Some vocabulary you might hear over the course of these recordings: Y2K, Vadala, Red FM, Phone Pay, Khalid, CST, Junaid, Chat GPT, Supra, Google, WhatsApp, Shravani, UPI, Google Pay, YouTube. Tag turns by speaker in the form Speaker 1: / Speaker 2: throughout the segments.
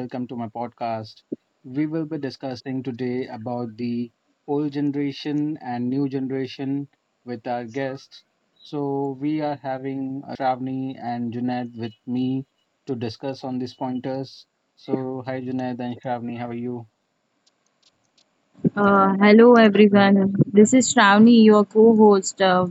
Speaker 1: Welcome to my podcast. We will be discussing today about the old generation and new generation with our guests. So we are having Shravani and Junaid with me to discuss on these pointers. So hi, Junaid and Shravani, how are you?
Speaker 2: Hello
Speaker 3: Right.
Speaker 2: everyone. This is Shravani, your co-host. Uh,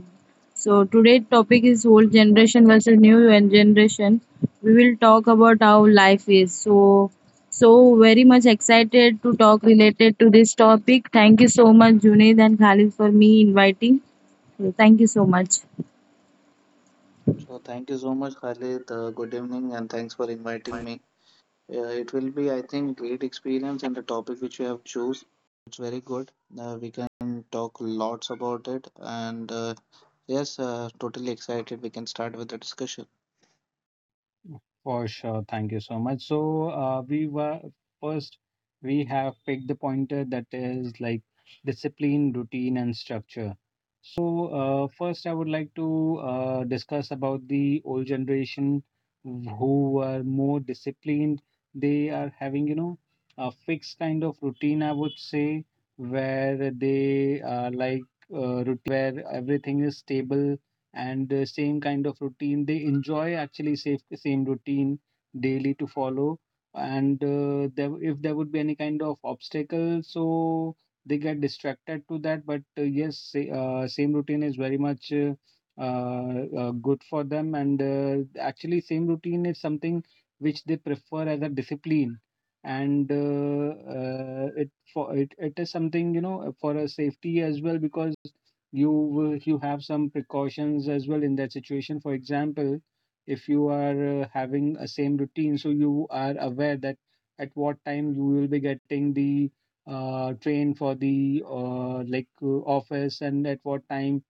Speaker 2: so today's topic is old generation versus generation. We will talk about how life is. So very much excited to talk related to this topic. Thank you so much, Junaid and Khalid, for me inviting. So, thank you so much.
Speaker 3: So thank you so much, Khalid. Good evening, and thanks for inviting me. It will be, I think, great experience, and the topic which you have choose, it's very good. We can talk lots about it, and yes, totally excited. We can start with the discussion.
Speaker 1: For sure. Thank you so much. So, we were first, we have picked the pointer that is like discipline, routine, and structure. So, first, I would like to discuss about the old generation who were more disciplined. They are having, you know, a fixed kind of routine, I would say, where they are where everything is stable and the same kind of routine they enjoy actually safe, same routine daily to follow. And there, if there would be any kind of obstacle, so they get distracted to that. But yes, same routine is very much good for them. And actually same routine is something which they prefer as a discipline. And it is something, you know, for a safety as well, because you have some precautions as well in that situation. For example, if you are having a same routine, so you are aware that at what time you will be getting the train for the office, and at what time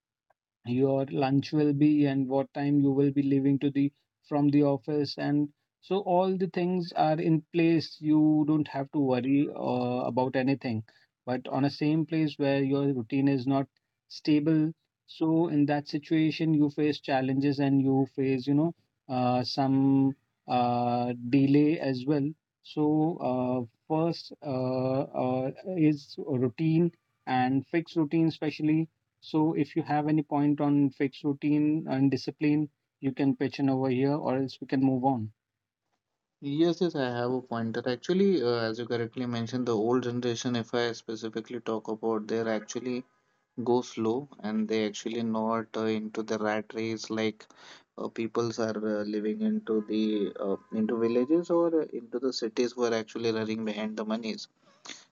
Speaker 1: your lunch will be, and what time you will be leaving to the from the office. And so all the things are in place, you don't have to worry about anything. But on a same place where your routine is not stable, so in that situation you face challenges, and you face some delay as well. So uh, first is routine and fixed routine especially. So if you have any point on fixed routine and discipline, you can pitch in over here or else we can move on.
Speaker 3: Yes, yes, I have a pointer. Actually, as you correctly mentioned, the old generation, if I specifically talk about, they're actually go slow and they actually not into the rat race like peoples are living into the into villages or into the cities who are actually running behind the monies,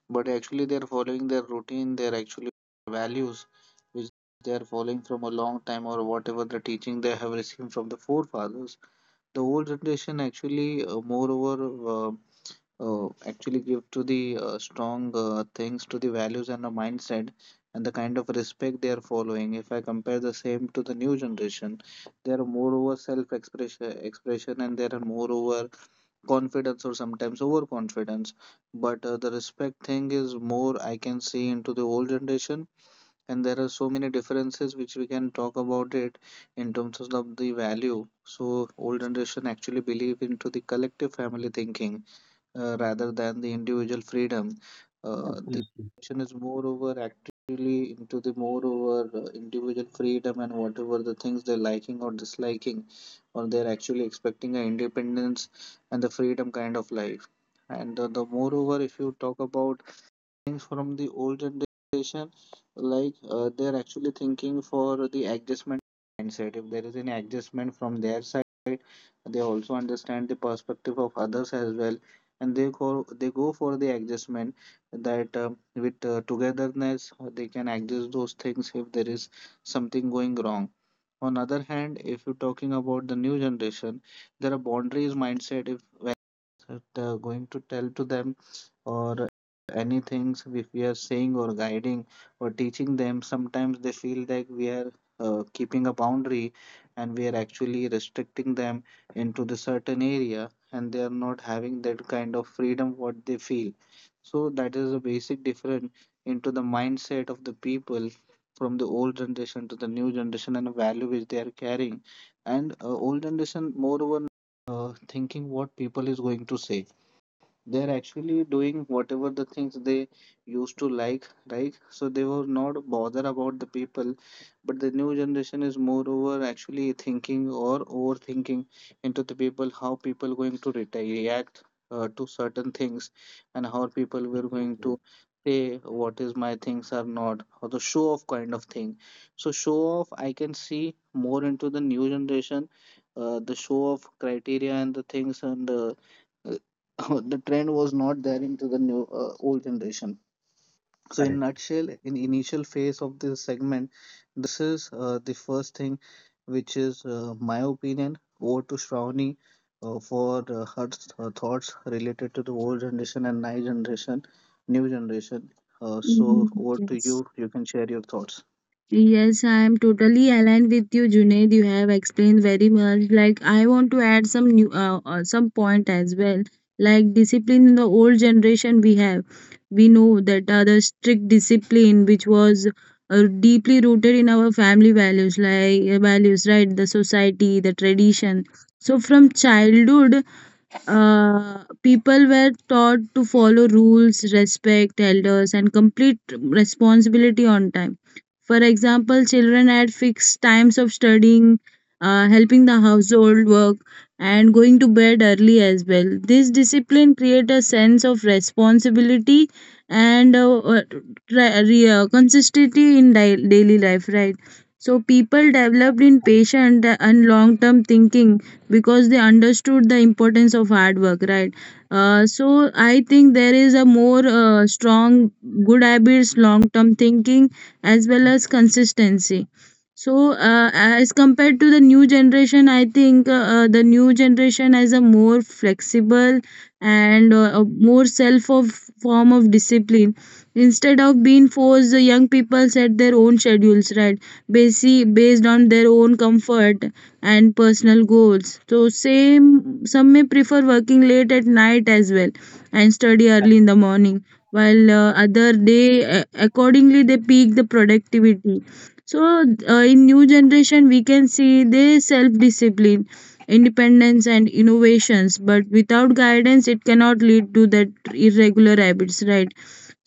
Speaker 3: but actually they're following their routine. They're actually values which they are following from a long time or whatever the teaching they have received from the forefathers. The old generation actually moreover uh, actually give to the strong things to the values and the mindset and the kind of respect they are following. If I compare the same to the new generation, they are more over self expression, expression. And there are more over confidence or sometimes overconfidence. But the respect thing is more I can see into the old generation, and there are so many differences which we can talk about it in terms of the value. So old generation actually believe into the collective family thinking rather than the individual freedom. The
Speaker 1: Absolutely.
Speaker 3: question is moreover actually into the moreover individual freedom and whatever the things they're liking or disliking, or they're actually expecting an independence and the freedom kind of life. And the moreover, if you talk about things from the old generation, like they're actually thinking for the adjustment mindset. If there is any adjustment from their side, they also understand the perspective of others as well, and they go for the adjustment that with togetherness they can adjust those things if there is something going wrong. On other hand, if you're talking about the new generation, there are boundaries mindset. If that going to tell to them or any things if we are saying or guiding or teaching them, sometimes they feel like we are keeping a boundary and we are actually restricting them into the certain area and they are not having that kind of freedom what they feel. So that is a basic difference into the mindset of the people from the old generation to the new generation and the value which they are carrying. And old generation moreover thinking what people is going to say, they're actually doing whatever the things they used to like, right? So they were not bother about the people, but the new generation is moreover actually thinking or overthinking into the people, how people going to reta react to certain things and how people were going
Speaker 1: Absolutely.
Speaker 3: to say what is my things are not, or the show off kind of thing. So show off I can see more into the new generation, the show off criteria and the things. And the trend was not there into the new old generation. So in
Speaker 1: Correct.
Speaker 3: nutshell, in initial phase of this segment, this is the first thing, which is my opinion. Over to Shravani for her her thoughts related to the old generation and new generation, new generation. So
Speaker 2: Mm,
Speaker 3: over to
Speaker 2: yes.
Speaker 3: you. You can share your thoughts.
Speaker 2: Yes, I am totally aligned with you, Junaid. You have explained very much. Like, I want to add some point as well. Like, discipline in the old generation, we have, we know that the strict discipline which was deeply rooted in our family values, right? The society, the tradition. So, from childhood, people were taught to follow rules, respect elders, and complete responsibility on time. For example, children had fixed times of studying, helping the household work, and going to bed early as well. This discipline created a sense of responsibility and consistency in daily life, right? So people developed in patient and long-term thinking because they understood the importance of hard work, right? So I think there is a more strong good habits, long term thinking, as well as consistency. So, as compared to the new generation, I think the new generation has a more flexible and a more self of form of discipline. Instead of being forced, the young people set their own schedules, right? Basically based on their own comfort and personal goals. So same, some may prefer working late at night as well, and study early
Speaker 1: Correct.
Speaker 2: in the morning, while other, they accordingly they peak the productivity. So, in new generation we can see they self discipline, independence, and innovations, but without guidance it cannot lead to that irregular habits, right?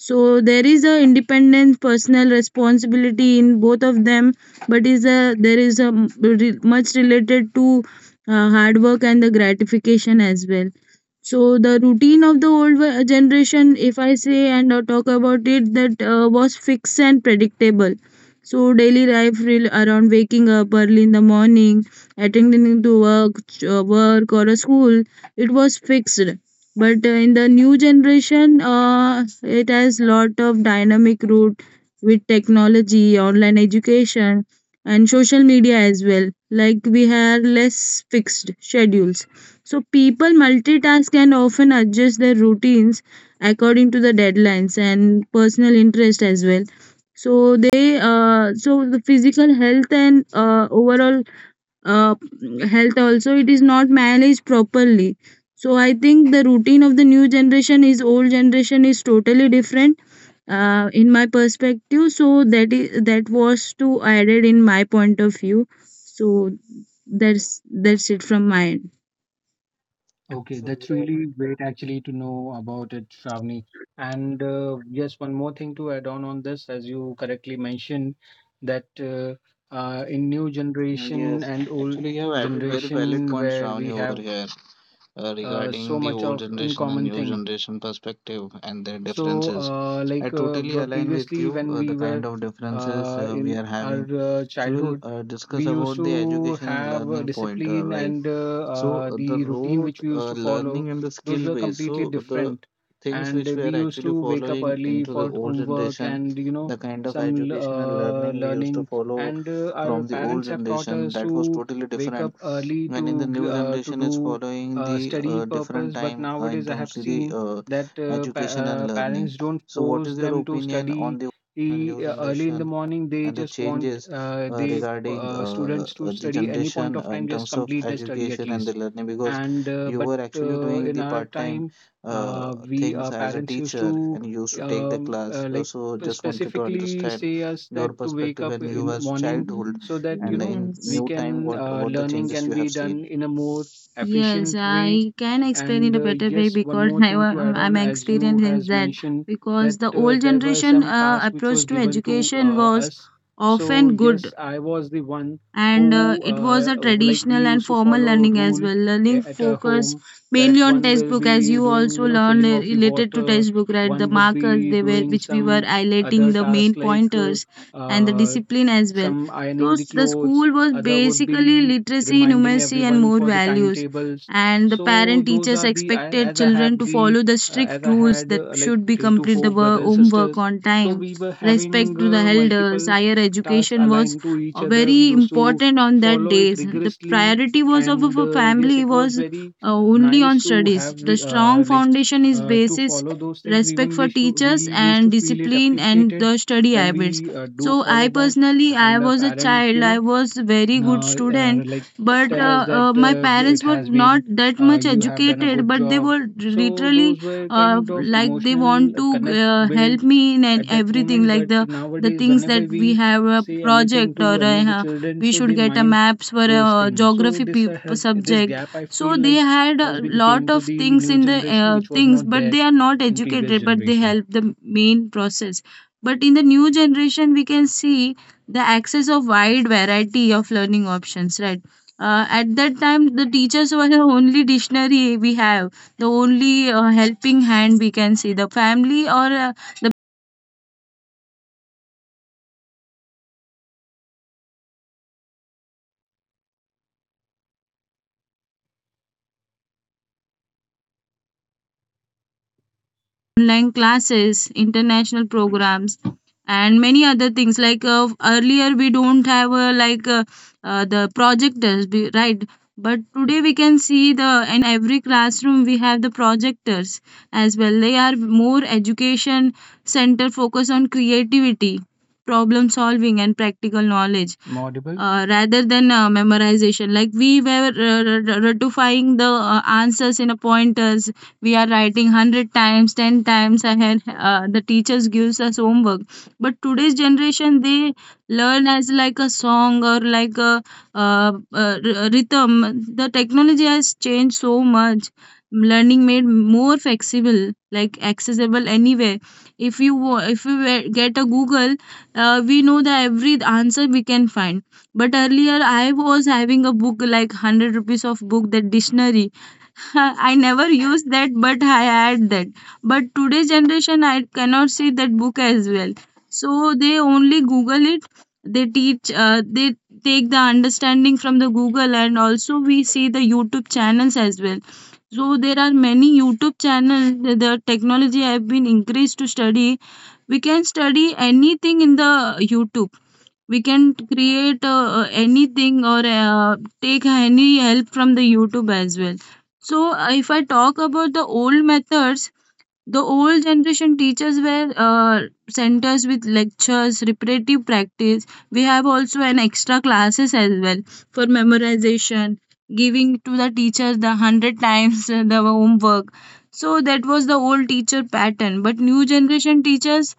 Speaker 2: So there is a independent personal responsibility in both of them, but is a there is a m- re- much related to hard work and the gratification as well. So the routine of the old generation, if I say and talk about it, that was fixed and predictable. So daily life, around waking up early in the morning, attending to work or a school, it was fixed. But in the new generation, it has lot of dynamic route with technology, online education, and social media as well. Like, we have less fixed schedules, so people multitask and often adjust their routines according to the deadlines and personal interest as well. So the physical health and overall uh, health also, it is not managed properly. So I think the routine of the new generation, is old generation, is totally different, in my perspective. So that is, that was to added in my point of view. So that's it from my end.
Speaker 1: Okay,
Speaker 3: So
Speaker 1: that's
Speaker 3: yes,
Speaker 1: really great actually to know about it, Shravani. And yes, one more thing to add on this. As you correctly mentioned, that in new generation
Speaker 3: yes.
Speaker 1: and old
Speaker 3: Actually, you have added very valid
Speaker 1: generation
Speaker 3: points,
Speaker 1: where
Speaker 3: Ravani,
Speaker 1: we
Speaker 3: over
Speaker 1: have
Speaker 3: here. Regarding
Speaker 1: so
Speaker 3: the
Speaker 1: much
Speaker 3: old
Speaker 1: of in
Speaker 3: generation and
Speaker 1: common
Speaker 3: new
Speaker 1: thing.
Speaker 3: generation perspective and their
Speaker 1: So,
Speaker 3: differences. I totally align with
Speaker 1: previously,
Speaker 3: you,
Speaker 1: when we
Speaker 3: the kind
Speaker 1: were
Speaker 3: of differences we
Speaker 1: in
Speaker 3: are
Speaker 1: our
Speaker 3: having. So we'll
Speaker 1: childhood, we
Speaker 3: discuss
Speaker 1: used
Speaker 3: about the
Speaker 1: to
Speaker 3: education and
Speaker 1: have a
Speaker 3: learning point,
Speaker 1: discipline,
Speaker 3: right?
Speaker 1: and
Speaker 3: So the
Speaker 1: the routine
Speaker 3: road
Speaker 1: which we used to follow,
Speaker 3: learning and the
Speaker 1: those
Speaker 3: skill
Speaker 1: were
Speaker 3: base.
Speaker 1: completely
Speaker 3: So the
Speaker 1: different.
Speaker 3: things
Speaker 1: And
Speaker 3: which we
Speaker 1: we
Speaker 3: are
Speaker 1: used
Speaker 3: actually
Speaker 1: to wake up
Speaker 3: following
Speaker 1: early
Speaker 3: into the
Speaker 1: for
Speaker 3: old
Speaker 1: homework
Speaker 3: generation,
Speaker 1: and
Speaker 3: the kind of
Speaker 1: some
Speaker 3: education and learning we used to
Speaker 1: learning.
Speaker 3: follow
Speaker 1: And our
Speaker 3: from the old
Speaker 1: parents have taught
Speaker 3: generation,
Speaker 1: us
Speaker 3: that was
Speaker 1: to
Speaker 3: totally
Speaker 1: wake up
Speaker 3: different,
Speaker 1: early
Speaker 3: and in the new
Speaker 1: to
Speaker 3: generation is
Speaker 1: do
Speaker 3: following the
Speaker 1: study
Speaker 3: different
Speaker 1: purpose. But
Speaker 3: time in
Speaker 1: nowadays, I have
Speaker 3: terms of the
Speaker 1: seen that
Speaker 3: education and learning.
Speaker 1: parents don't
Speaker 3: So what
Speaker 1: force
Speaker 3: is your
Speaker 1: them to
Speaker 3: opinion on
Speaker 1: study
Speaker 3: the new
Speaker 1: early in the
Speaker 3: generation
Speaker 1: morning. They
Speaker 3: and the
Speaker 1: just want
Speaker 3: changes
Speaker 1: the
Speaker 3: regarding
Speaker 1: students to
Speaker 3: the
Speaker 1: study any point
Speaker 3: generation
Speaker 1: of time,
Speaker 3: in
Speaker 1: just
Speaker 3: terms of
Speaker 1: complete their study at
Speaker 3: education and the
Speaker 1: least.
Speaker 3: learning? Because
Speaker 1: and uh,
Speaker 3: you
Speaker 1: but
Speaker 3: were actually
Speaker 1: uh,
Speaker 3: doing
Speaker 1: in
Speaker 3: the
Speaker 1: our
Speaker 3: part-time
Speaker 1: time, we
Speaker 3: things as a
Speaker 1: parents used
Speaker 3: teacher
Speaker 1: to
Speaker 3: and you used to take the
Speaker 1: um,
Speaker 3: class.
Speaker 1: uh,
Speaker 3: So,
Speaker 1: like
Speaker 3: so just wanted to
Speaker 1: specifically
Speaker 3: understand
Speaker 1: say us
Speaker 3: your
Speaker 1: that to wake
Speaker 3: perspective
Speaker 1: up
Speaker 3: when you
Speaker 1: in the
Speaker 3: was
Speaker 1: morning
Speaker 3: childhood
Speaker 1: so that, you
Speaker 3: and
Speaker 1: know
Speaker 3: in
Speaker 1: we
Speaker 2: Yes,
Speaker 3: new time
Speaker 1: can
Speaker 3: what the
Speaker 1: learning
Speaker 3: changes you
Speaker 1: can
Speaker 3: have
Speaker 1: be
Speaker 3: seen.
Speaker 1: done in a more
Speaker 2: yes,
Speaker 1: efficient way.
Speaker 2: I can explain in
Speaker 1: And
Speaker 2: a better way,
Speaker 1: yes, one
Speaker 2: because
Speaker 1: more thing to add
Speaker 2: I'm
Speaker 1: on, as you
Speaker 2: experiencing
Speaker 1: has
Speaker 2: that,
Speaker 1: mentioned,
Speaker 2: because
Speaker 1: that
Speaker 2: the old
Speaker 1: there were
Speaker 2: generation
Speaker 1: some tasks which
Speaker 2: approach
Speaker 1: was
Speaker 2: to
Speaker 1: given to
Speaker 2: education was
Speaker 1: us. So
Speaker 2: often
Speaker 1: yes,
Speaker 2: good,
Speaker 1: I was the one
Speaker 2: and
Speaker 1: who
Speaker 2: it was a
Speaker 1: like we
Speaker 2: traditional and
Speaker 1: used to
Speaker 2: formal
Speaker 1: follow
Speaker 2: learning as
Speaker 1: rule
Speaker 2: well. Learning
Speaker 1: at our
Speaker 2: focused
Speaker 1: home
Speaker 2: mainly
Speaker 1: that
Speaker 2: on
Speaker 1: one will
Speaker 2: textbook, as
Speaker 1: be
Speaker 2: you
Speaker 1: doing,
Speaker 2: also learned
Speaker 1: filling of the
Speaker 2: related to
Speaker 1: water,
Speaker 2: textbook, right? The
Speaker 1: one would
Speaker 2: markers
Speaker 1: be
Speaker 2: they were,
Speaker 1: doing
Speaker 2: which we were
Speaker 1: some
Speaker 2: highlighting
Speaker 1: other
Speaker 2: the main
Speaker 1: task like
Speaker 2: pointers, and the
Speaker 1: uh,
Speaker 2: discipline as well.
Speaker 1: some
Speaker 2: So
Speaker 1: ironing the
Speaker 2: the
Speaker 1: clothes,
Speaker 2: school was
Speaker 1: other would
Speaker 2: basically
Speaker 1: be
Speaker 2: literacy,
Speaker 1: reminding
Speaker 2: numeracy, and
Speaker 1: everyone
Speaker 2: more
Speaker 1: for the
Speaker 2: values,
Speaker 1: timetables.
Speaker 2: and the
Speaker 1: So
Speaker 2: parent
Speaker 1: those
Speaker 2: teachers
Speaker 1: are the I,
Speaker 2: expected
Speaker 1: as I
Speaker 2: children
Speaker 1: have
Speaker 2: to
Speaker 1: the
Speaker 2: follow the strict
Speaker 1: as I
Speaker 2: rules,
Speaker 1: had
Speaker 2: that
Speaker 1: like
Speaker 2: should be
Speaker 1: three to
Speaker 2: complete the
Speaker 1: four brothers and
Speaker 2: homework
Speaker 1: sisters.
Speaker 2: on
Speaker 1: So
Speaker 2: time,
Speaker 1: we were having
Speaker 2: respect to the elders.
Speaker 1: multiple
Speaker 2: Higher
Speaker 1: tasks
Speaker 2: education was
Speaker 1: aligned to each other. We
Speaker 2: very
Speaker 1: used to
Speaker 2: important on that
Speaker 1: follow it
Speaker 2: days. The
Speaker 1: rigorously,
Speaker 2: priority was of
Speaker 1: and
Speaker 2: a
Speaker 1: yes,
Speaker 2: family
Speaker 1: it was
Speaker 2: was
Speaker 1: very
Speaker 2: only on
Speaker 1: nice to
Speaker 2: studies.
Speaker 1: have
Speaker 2: The strong foundation is
Speaker 1: to
Speaker 2: basis,
Speaker 1: follow those things.
Speaker 2: respect
Speaker 1: Even
Speaker 2: for
Speaker 1: we
Speaker 2: teachers,
Speaker 1: used
Speaker 2: and
Speaker 1: to feel it
Speaker 2: discipline, and
Speaker 1: appreciated
Speaker 2: the study
Speaker 1: when
Speaker 2: habits.
Speaker 1: we do
Speaker 2: So I
Speaker 1: follow that,
Speaker 2: personally, I
Speaker 1: and our
Speaker 2: was a
Speaker 1: parents
Speaker 2: child. I was very good
Speaker 1: uh, uh,
Speaker 2: student,
Speaker 1: like
Speaker 2: but
Speaker 1: tell us that
Speaker 2: my
Speaker 1: g-
Speaker 2: parents
Speaker 1: it
Speaker 2: were
Speaker 1: has
Speaker 2: not
Speaker 1: been
Speaker 2: that much
Speaker 1: you have done a
Speaker 2: educated.
Speaker 1: good
Speaker 2: But they
Speaker 1: job.
Speaker 2: were
Speaker 1: So
Speaker 2: literally
Speaker 1: those were kind of
Speaker 2: like they
Speaker 1: emotional
Speaker 2: want to
Speaker 1: connect built
Speaker 2: help me in
Speaker 1: at that
Speaker 2: everything,
Speaker 1: moment.
Speaker 2: like
Speaker 1: But
Speaker 2: the
Speaker 1: nowadays,
Speaker 2: things
Speaker 1: whenever
Speaker 2: that we
Speaker 1: we
Speaker 2: have a
Speaker 1: say anything
Speaker 2: project, or
Speaker 1: to any
Speaker 2: a,
Speaker 1: of the children,
Speaker 2: we
Speaker 1: so
Speaker 2: should
Speaker 1: they
Speaker 2: get a
Speaker 1: mind
Speaker 2: maps for a
Speaker 1: those things. So
Speaker 2: geography
Speaker 1: this, has this
Speaker 2: subject,
Speaker 1: gap I
Speaker 2: so
Speaker 1: feel
Speaker 2: they
Speaker 1: like
Speaker 2: had a
Speaker 1: has been
Speaker 2: lot
Speaker 1: came to
Speaker 2: of
Speaker 1: the
Speaker 2: things
Speaker 1: new
Speaker 2: in the
Speaker 1: generation, which was
Speaker 2: things,
Speaker 1: not
Speaker 2: but
Speaker 1: there
Speaker 2: they are not
Speaker 1: in previous
Speaker 2: educated, but they
Speaker 1: generation.
Speaker 2: help the main process. But in the new generation we can see the access of wide variety of learning options, right? At that time, the teachers were the only dictionary we have, the only helping hand we can see, the family or the online classes, international programs, and many other things. Like, earlier, we don't have like, the projectors, right? But today we can see, the in every classroom we have the projectors as well. They are more education center focus on creativity, problem solving, and practical knowledge,
Speaker 1: Am I audible?
Speaker 2: rather than memorization. Like, we were ratifying the answers in a pointers. We are writing 100 times, 10 times ahead, the teachers gives us homework, but today's generation, they learn as like a song or like a uh, rhythm. The technology has changed so much, learning made more flexible, like accessible anywhere. If you wa- if you were- Get a Google, we know the every answer, we can find. But earlier, I was having a book, like 100 rupees of book, that dictionary. I never used that, but I had that. But today generation, I cannot see that book as well. So they only Google it. They teach. They take the understanding from the Google, and also we see the YouTube channels as well. So there are many YouTube channels. The technology have been increased to study. We can study anything in the YouTube, we can create anything or take any help from the youtube as well. So, if I talk about the old methods, the old generation teachers were centers with lectures, repetitive practice. We have also an extra classes as well for memorization, giving to the teachers the 100 times, the homework. So that was the old teacher pattern. But new generation teachers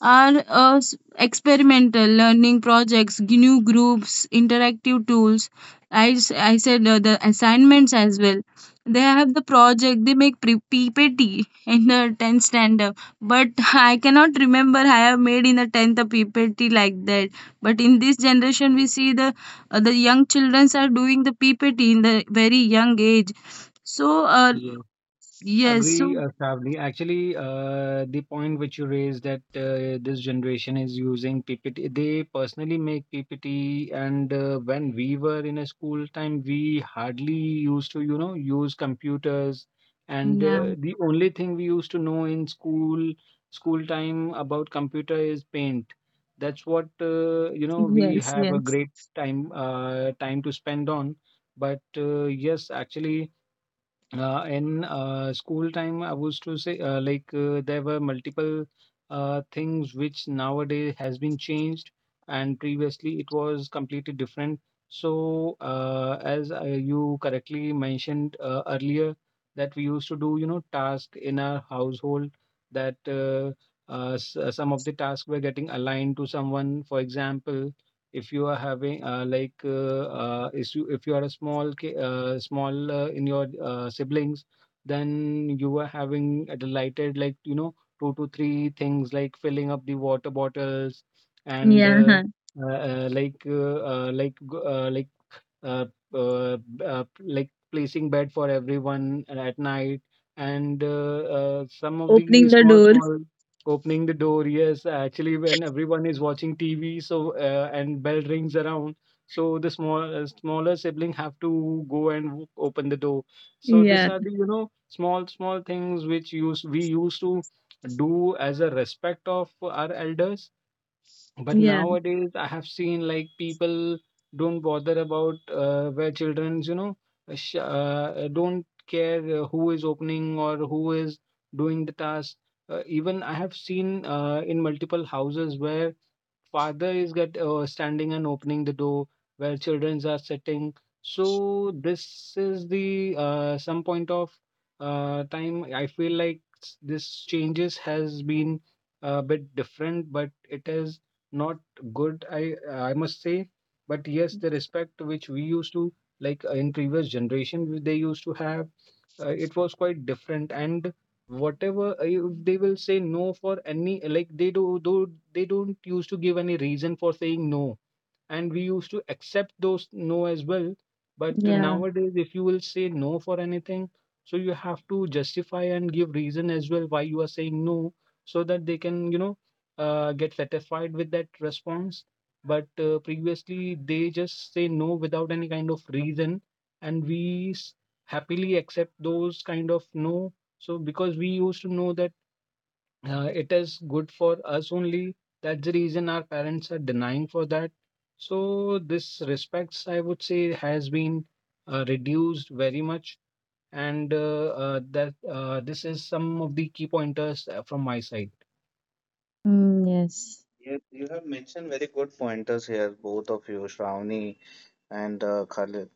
Speaker 2: are experimental learning projects, new groups, interactive tools. I said the assignments as well. They have the project, they make PPT in the 10th standard, but I cannot remember, I have made in the 10th a PPT like that, but in this generation we see the young children are doing the PPT in the very young age. So,
Speaker 1: Yeah,
Speaker 2: yes, so
Speaker 1: agree, Shravani. Actually, the point which you raised, that this generation is using PPT, they personally make PPT. And when we were in a school time, we hardly used to, use computers. And
Speaker 2: yeah,
Speaker 1: the only thing we used to know in school time about computer is paint. That's what, we
Speaker 2: yes,
Speaker 1: have a
Speaker 2: yes,
Speaker 1: great time to spend on. But yes, actually in school time, I was to say, there were multiple things which nowadays has been changed, and previously it was completely different. So as you correctly mentioned earlier, that we used to do task in our household, that some of the tasks were getting aligned to someone. For example, if you are having if you are a small small in your siblings, then you are having a delighted two to three things like filling up the water bottles, and
Speaker 2: yeah, huh.
Speaker 1: uh, uh, like uh, uh, like g- uh, like uh, uh, placing bed for everyone at night, and some of the
Speaker 2: Opening the
Speaker 1: small
Speaker 2: door,
Speaker 1: small opening the door. Yes, actually when everyone is watching TV, and bell rings around, so the smaller sibling have to go and open the door. So these
Speaker 2: yeah,
Speaker 1: are the, small small things which use we used to do as a respect of our elders. But
Speaker 2: yeah,
Speaker 1: nowadays, I have seen, like, people don't bother about where children's, you know, sh don't care who is opening or who is doing the task. Even I have seen in multiple houses where father is get standing and opening the door where children are sitting. So this is the some point of time. I feel like this changes has been a bit different, but it is not good, I must say. But yes, the respect which we used to in previous generation they used to have, it was quite different. And whatever they will say no for, any like they do, do they don't used to give any reason for saying no, and we used to accept those no as well. But
Speaker 2: yeah.
Speaker 1: nowadays, if you will say no for anything, so you have to justify and give reason as well why you are saying no, so that they can get satisfied with that response. But previously they just say no without any kind of reason, and we happily accept those kind of no, so because we used to know that it is good for us only, that's the reason our parents are denying for that. So this respects, I would say, has been reduced very much. And that this is some of the key pointers from my side.
Speaker 2: Mm, yes.
Speaker 3: Yes, you have mentioned very good pointers here, both of you, Shravani and Khalid.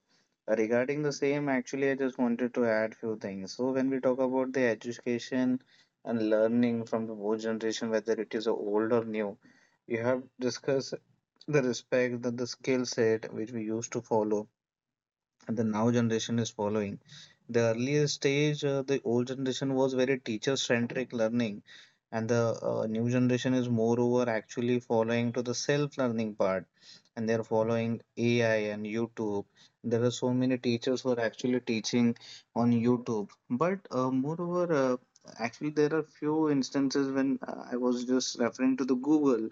Speaker 3: Regarding the same, actually, I just wanted to add few things. So when we talk about the education and learning from the both generation, whether it is old or new, we have discussed the respect, the skill set which we used to follow and the now generation is following. The earlier stage, the old generation was very teacher-centric learning, and the new generation is moreover actually following to the self-learning part, and they're following AI and YouTube. There are so many teachers who are actually teaching on YouTube, but actually there are few instances when I was just referring to the Google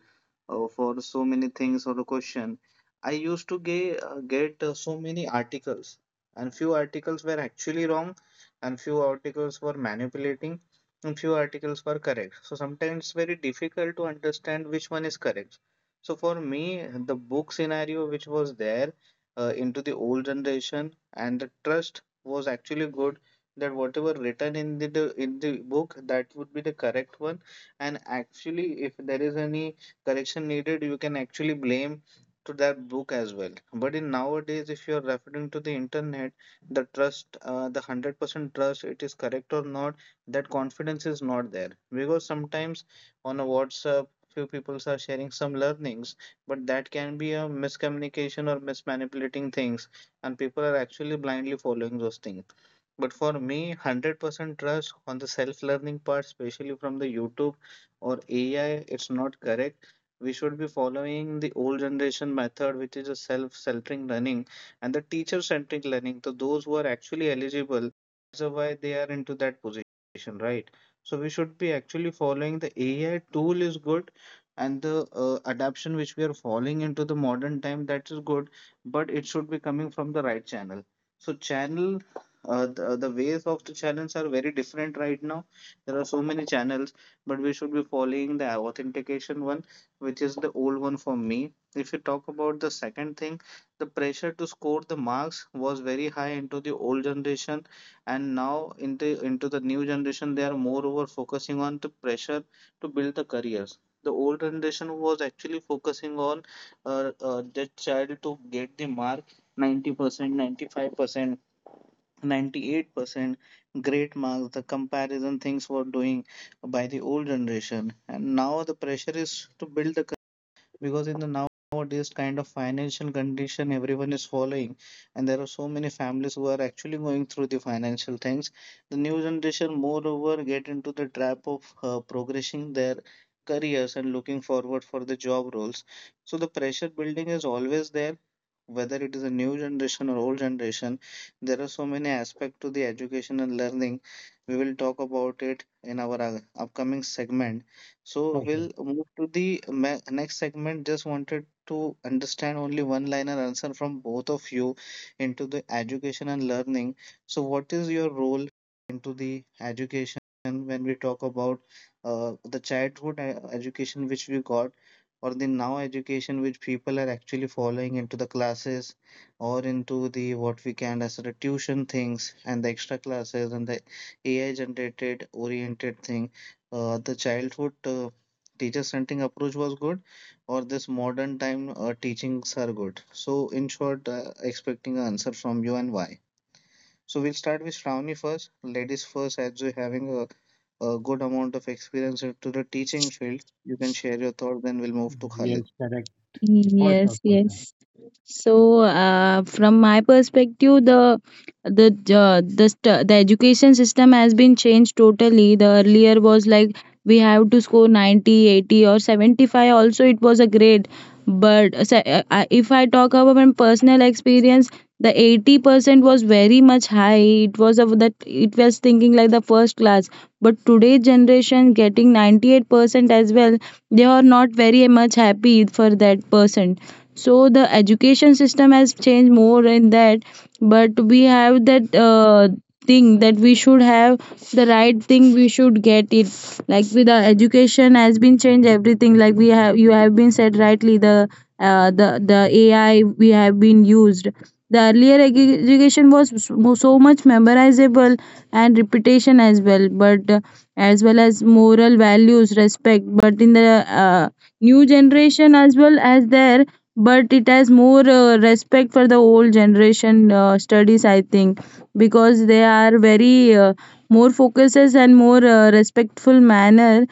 Speaker 3: for so many things or a question I used to get so many articles, and few articles were actually wrong, and few articles were manipulating, and few articles were correct. So sometimes it's very difficult to understand which one is correct. So for me, the book scenario which was there into the old generation and the trust was actually good that whatever written in in the book that would be the correct one, and actually if there is any correction needed, you can actually blame to that book as well. But in nowadays, if you are referring to the internet, the trust, the 100% trust, it is correct or not, that confidence is not there because sometimes on a WhatsApp, few people are sharing some learnings, but that can be a miscommunication or mismanipulating things, and people are actually blindly following those things. But for me, 100% trust on the self learning part, especially from the YouTube or AI, it's not correct. We should be following the old generation method, which is a self-centering learning and the teacher-centric learning. So those who are actually eligible, that's why they are into that position, right? So we should be actually following the AI tool is good and the adaption which we are falling into the modern time, that is good, but it should be coming from the right channel. So channel the ways of the channels are very different right now. There are so many channels, but we should be following the authentication one, which is the old one for me. If you talk about the second thing, the pressure to score the marks was very high into the old generation, and now into the new generation, they are moreover focusing on the pressure to build the careers. The old generation was actually focusing on that child to get the mark 90%, 95%, 98% great marks. The comparison things were doing by the old generation, and now the pressure is to build the because in the nowadays kind of financial condition everyone is following, and there are so many families who are actually going through the financial things. The new generation moreover get into the trap of progressing their careers and looking forward for the job roles. So the pressure building is always there, whether it is a new generation or old generation. There are so many aspects to the education and learning. We will talk about it in our upcoming segment. So
Speaker 1: For sure.
Speaker 3: we'll move to the next segment. Just wanted to understand only one-liner answer from both of you into the education and learning. So what is your role into the education when we talk about the childhood education which we got, or the now education which people are actually following into the classes or into the what we can as the tuition things and the extra classes and the AI generated oriented thing? The childhood teacher-centering approach was good, or this modern time teachings are good? So in short, expecting an answer from you and why. So we'll start with Shravani first, ladies first, as you're having a good amount of experience into the teaching field. You can share your thoughts, then we'll move to Khalid.
Speaker 1: Yes, correct.
Speaker 2: Mm,
Speaker 1: For sure,
Speaker 2: yes,
Speaker 1: for
Speaker 2: yes.
Speaker 1: sure.
Speaker 2: So, from my perspective, the the education system has been changed totally. The earlier was like we have to score 90, 80, or 75. Also, it was a grade. But if I talk about my personal experience, the 80% was very much high. It was of that, it was thinking like the first class. But today generation getting 98% as well, they are not very much happy for that person. So the education system has changed more in that, but we have that thing that we should have the right thing, we should get it, like, with the education has been changed everything, like, we have, you have been said rightly the the AI we have been used, the education was so much memorizable and repetition as well. But as well as moral values, respect, but in the new generation as well as there, but it has more respect for the old generation studies, I think. Because they are very more focuses and more respectful manner,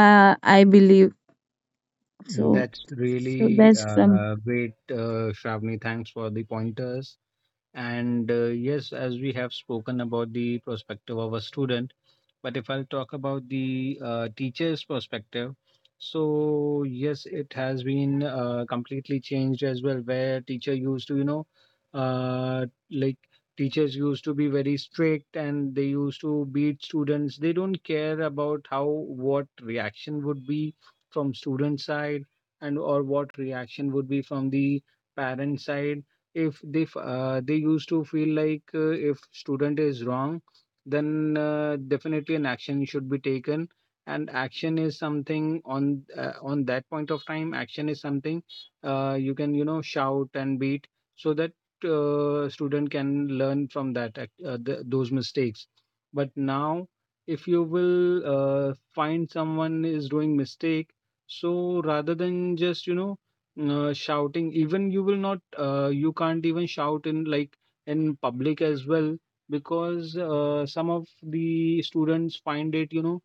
Speaker 2: I believe so.
Speaker 1: That's
Speaker 2: So
Speaker 1: really
Speaker 2: that's some
Speaker 1: great, Shravani. Thanks for the pointers. And yes, as we have spoken about the perspective of a student. But if I'll talk about the teacher's perspective, so yes, it has been completely changed as well, where uh, like teachers used to be very strict and they used to beat students. They don't care about how what reaction would be from student side, and or what reaction would be from the parent side. If they f- They used to feel like, if student is wrong, then definitely an action should be taken, and action is something on that point of time. Action is something, you can shout and beat so that student can learn from those mistakes. But now, if you will find someone is doing mistake, so rather than just shouting, even you will not you can't even shout in like in public as well, because some of the students find it you know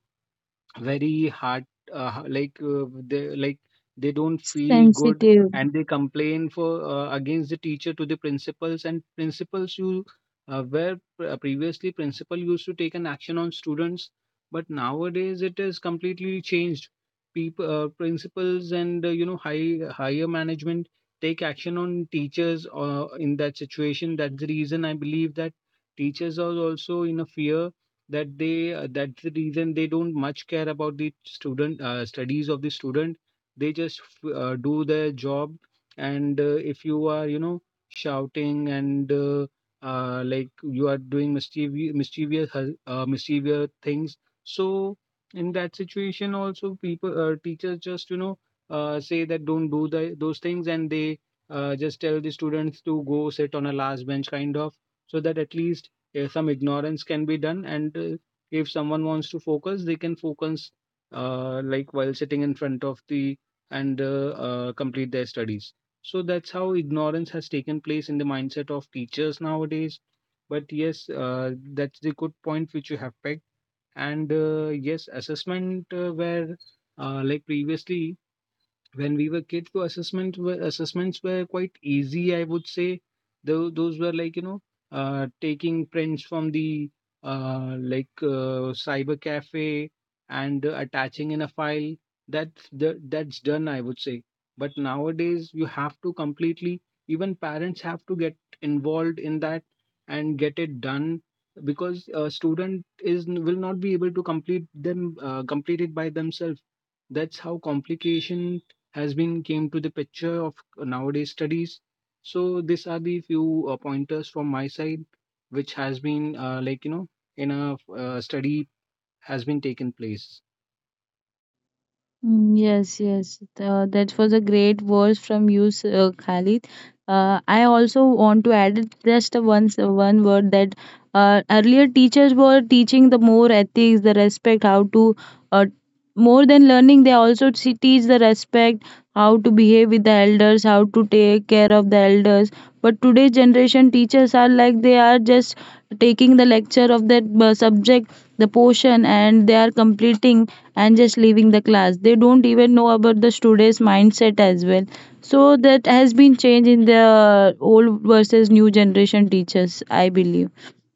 Speaker 1: very hard, they like they don't feel good,
Speaker 2: sensitive.
Speaker 1: and they complain for against the teacher to the principals. And principals, you previously principal used to take an action on students, but nowadays it is completely changed. People principals and higher management take action on teachers in that situation. That's the reason I believe that teachers are also in a fear that they that's the reason they don't much care about the student studies of the student. They just do their job, and if you are you know shouting and like you are doing mischievous things, so in that situation also people teachers just say that don't do those things, and they just tell the students to go sit on a last bench kind of, so that at least some ignorance can be done. And if someone wants to focus, they can focus like while sitting in front of the, and complete their studies. So that's how ignorance has taken place in the mindset of teachers nowadays. But yes, that's the good point which you have picked, and yes, assessment where like previously when we were kids, the assessments were quite easy. I would say those were like taking prints from the cyber cafe and attaching in a file. That's the, that's done, I would say. But nowadays you have to completely, even parents have to get involved in that and get it done, because a student is will not be able to complete them complete it by themselves. That's how complication has been came to the picture of nowadays studies. So these are the few pointers from my side which has been like you know in a study has been taken place.
Speaker 2: Mm, yes, yes. That was a great verse from you, Khalid. I also want to add just a one word that earlier teachers were teaching the more ethics, the respect, how to, uh, more than learning, they also teach the respect, how to behave with the elders, how to take care of the elders. But today's generation teachers are like they are just taking the lecture of that subject, the portion, and they are completing and just leaving the class. They don't even know about the students' mindset as well. So that has been changed in the old versus new generation teachers, I believe.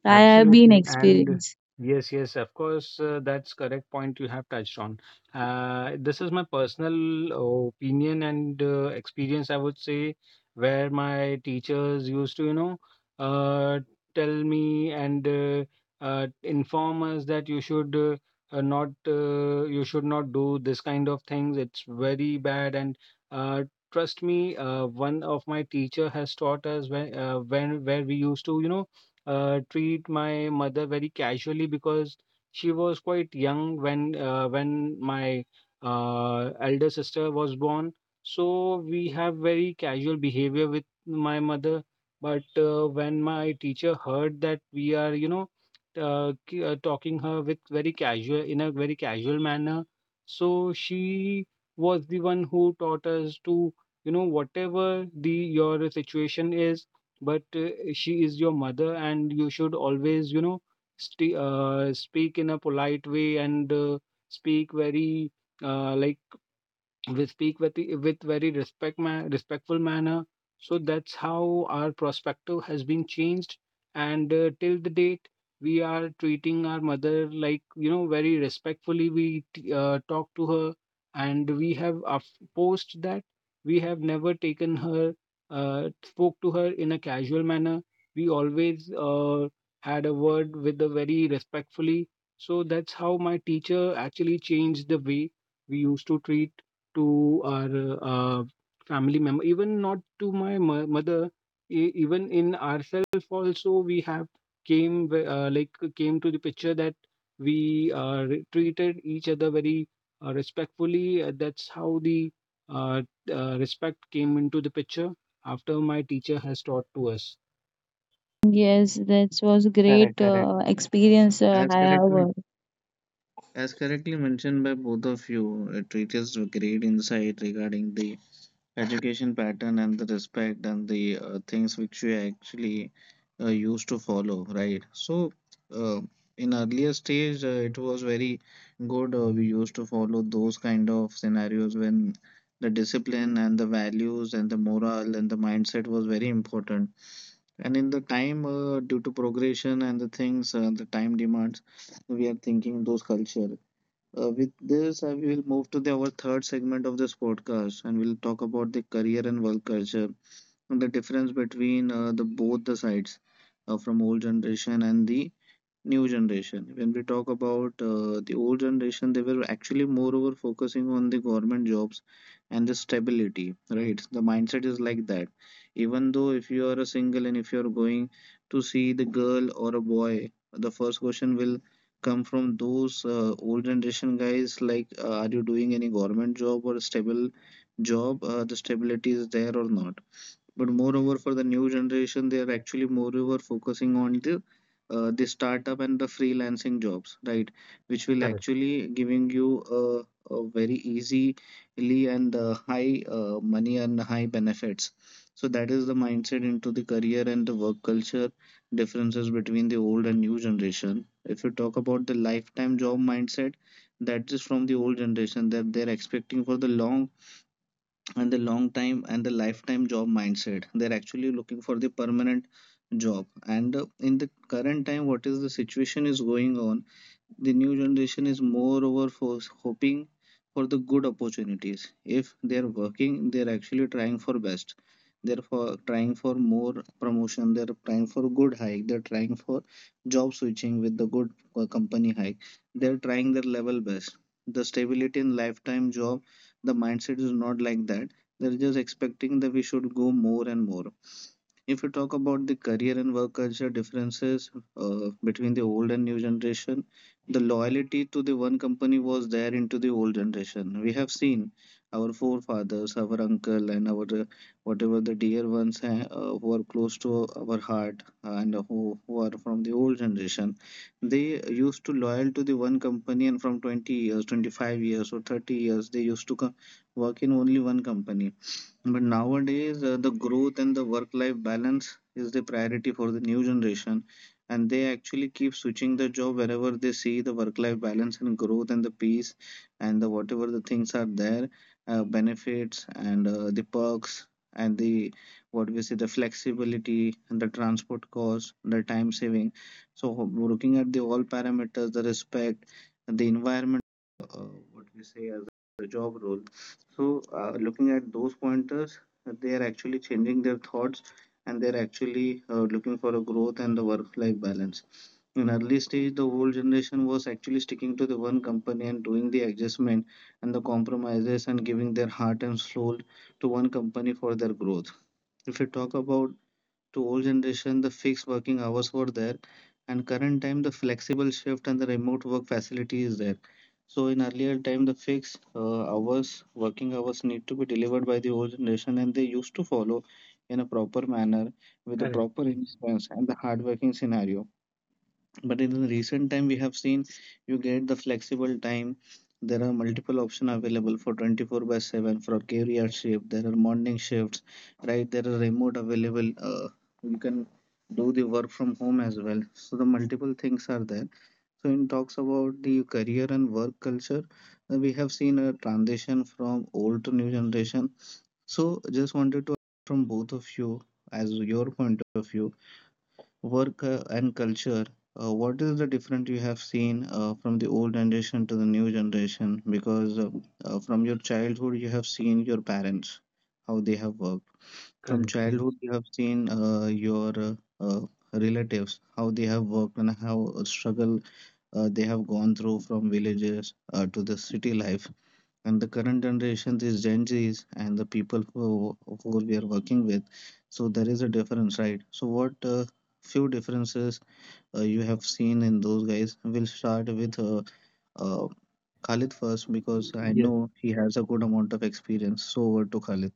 Speaker 2: I have been
Speaker 1: Absolutely. And
Speaker 2: experienced.
Speaker 1: yes, yes, of course, that's correct point you have touched on. This is my personal opinion and experience, I would say, where my teachers used to, you know, uh, tell me and inform us that you should not, you should not do this kind of things. It's very bad. And uh, trust me, one of my teacher has taught us where we used to, you know, treat my mother very casually, because she was quite young when my elder sister was born. So we have very casual behavior with my mother. But when my teacher heard that we are, you know, talking her with very casual in a very casual manner, so she was the one who taught us to, you know, whatever the your situation is, but she is your mother, and you should always you know speak in a polite way and speak very like we speak with the- with very respect respectful manner. So that's how our perspective has been changed, and till the date we are treating our mother like you know very respectfully. We talk to her, and we have post that we have never taken her spoke to her in a casual manner. We always had a word with the very respectfully. So that's how my teacher actually changed the way we used to treat to our uh, family member. Even not to my mother, even in ourselves also we have came like came to the picture that we treated each other very respectfully. That's how the uh, respect came into the picture after my teacher has taught to us.
Speaker 2: Yes, that was great
Speaker 3: Correct, correct.
Speaker 2: experience
Speaker 3: As
Speaker 2: I have.
Speaker 3: correctly as correctly mentioned by both of you, it reaches a great insight regarding the education pattern and the respect and the things which we actually used to follow, right? So uh, in earlier stage it was very good. We used to follow those kind of scenarios when the discipline and the values and the morale and the mindset was very important, and in the time due to progression and the things the time demands, we are thinking those culture. With this, I will move to the our third segment of this podcast, and we'll talk about the career and work culture and the difference between the both the sides, from old generation and the new generation. When we talk about the old generation, they were actually moreover focusing on the government jobs and the stability, right? The mindset is like that. Even though if you are a single and if you are going to see the girl or a boy, the first question will come from those old generation guys like, are you doing any government job or stable job? The stability is there or not? But moreover, for the new generation, they are actually moreover focusing on the startup and the freelancing jobs, right, which will
Speaker 1: Correct,
Speaker 3: actually giving you a, a very easily and high money and high benefits. So that is the mindset into the career and the work culture differences between the old and new generation. If you talk about the lifetime job mindset, that is from the old generation, that they're expecting for the long and the long time, and the lifetime job mindset, they're actually looking for the permanent job. And in the current time, what is the situation is going on, the new generation is moreover for hoping for the good opportunities. If they are working, they are actually trying for best. They're for trying for more promotion. They're trying for good hike. They're trying for job switching with the good company hike. They're trying their level best. The stability in lifetime job, the mindset is not like that. They're just expecting that we should go more and more. If you talk about the career and work culture differences between the old and new generation, the loyalty to the one company was there into the old generation. We have seen our forefathers, our uncle, and our whatever the dear ones who are close to our heart and who are from the old generation. They used to loyal to the one company, and from 20 years, 25 years, or 30 years, they used to work in only one company. But nowadays, the growth and the work-life balance is the priority for the new generation, and they actually keep switching the job wherever they see the work-life balance and growth and the peace and the whatever the things are there, benefits and the perks and the what we say the flexibility and the transport cost, the time saving. So looking at the all parameters, the respect, the environment, uh, what we say as a job role. So, looking at those pointers, that they are actually changing their thoughts and they're actually looking for a growth and the work life balance. In early stage, the old generation was actually sticking to the one company and doing the adjustment and the compromises and giving their heart and soul to one company for their growth. If you talk about to old generation, the fixed working hours were there, and current time the flexible shift and the remote work facility is there. So in earlier time, the fixed hours, working hours need to be delivered by the old generation, and they used to follow in a proper manner with the
Speaker 1: correct.
Speaker 3: proper
Speaker 1: Yes,
Speaker 3: influence and the hard working scenario. But in the recent time, we have seen you get the flexible time. There are multiple options available for 24 by 7 for career shift. There are morning shifts, right? There are remote available. You can do the work from home as well. So the multiple things are there. So in talks about the career and work culture, we have seen a transition from old to new generation. So just wanted to ask from both of you, as your point of view, work and culture, what is the difference you have seen from the old generation to the new generation? Because from your childhood, you have seen your parents, how they have worked. From
Speaker 1: correct.
Speaker 3: childhood, you have seen your uh, relatives, how they have worked and how struggle they have gone through from villages to the city life. And the current generation is Gen Zs and the people who we are working with. So there is a difference, right? So what few differences you have seen in those guys? We'll start with uh, Khalid first, because I
Speaker 1: Yes,
Speaker 3: know he has a good amount of experience. So over to Khalid.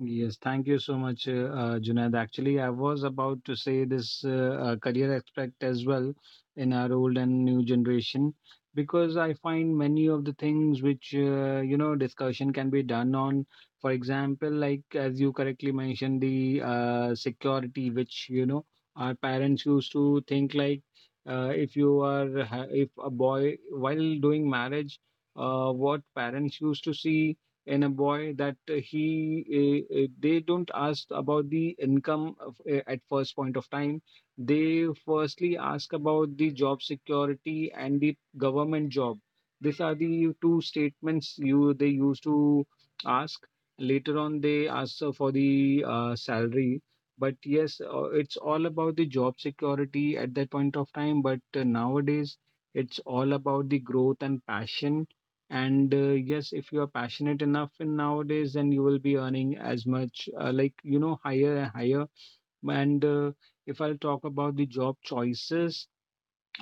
Speaker 1: yes, thank you so much, Junaid. Actually, I was about to say this career aspect as well, in our old and new generation, because I find many of the things which discussion can be done on. For example, like as you correctly mentioned, the security which you know our parents used to think like, if you are if a boy while doing marriage, what parents used to see in a boy, that he they don't ask about the income of, at first point of time they firstly ask about the job security and the government job. These are the two statements you they used to ask. Later on they ask for the salary, but yes, it's all about the job security at that point of time. But nowadays it's all about the growth and passion. And yes, if you are passionate enough in nowadays, then you will be earning as much higher and higher. And if I'll talk about the job choices,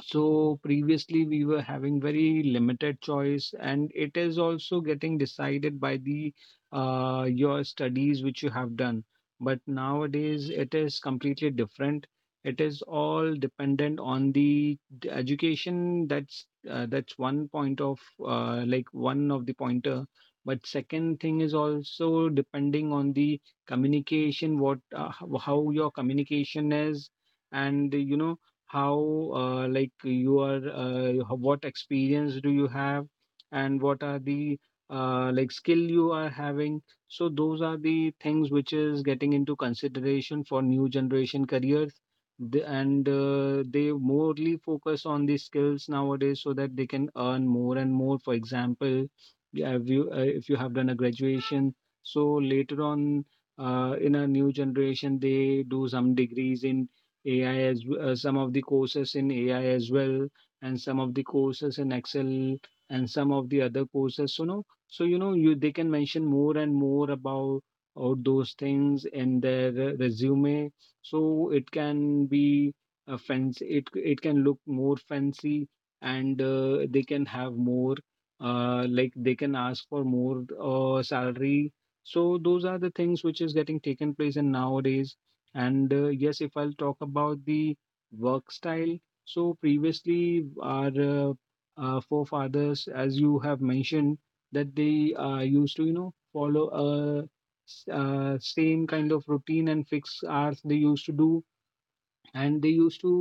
Speaker 1: so previously we were having very limited choice, and it is also getting decided by the your studies which you have done. But nowadays it is completely different. It is all dependent on the education. That's one point of like one of the pointer. But second thing is also depending on the communication, what how your communication is, and you know how like you are what experience do you have, and what are the like skill you are having. So those are the things which is getting into consideration for new generation careers. And they morely focus on the skills nowadays, so that they can earn more and more. For example, you have you if you have done a graduation, so later on in a new generation they do some degrees in AI as some of the courses in AI as well, and some of the courses in Excel, and some of the other courses. So no, so you know you they can mention more and more about all those things in their resume. So it can be a fancy. It can look more fancy, and they can have more. Like they can ask for more salary. So those are the things which is getting taken place in nowadays. And yes, if I'll talk about the work style, so previously our forefathers, as you have mentioned, that they used to, you know, follow a same kind of routine, and fixed hours they used to do, and they used to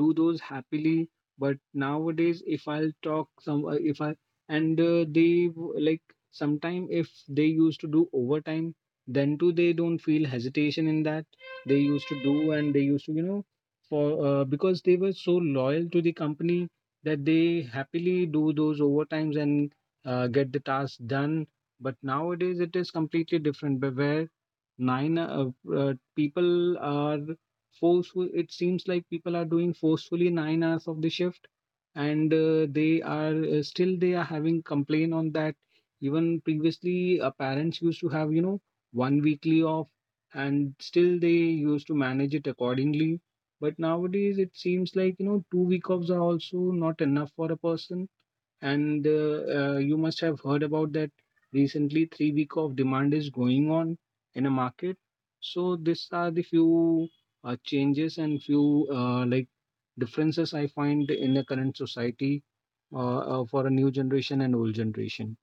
Speaker 1: do those happily. But nowadays if I'll talk, some if I and they like, sometime if they used to do overtime, then too they don't feel hesitation in that. They used to do, and they used to you know for because they were so loyal to the company that they happily do those overtimes and get the task done. But nowadays it is completely different. But where nine people are forceful, it seems like people are doing forcefully 9 hours of the shift, and they are still they are having complaint on that. Even previously parents used to have you know one weekly off, and still they used to manage it accordingly. But nowadays it seems like you know 2 week offs are also not enough for a person, and you must have heard about that recently 3 week of demand is going on in a market. So these are the few changes and few like differences I find in the current society for a new generation and old generation.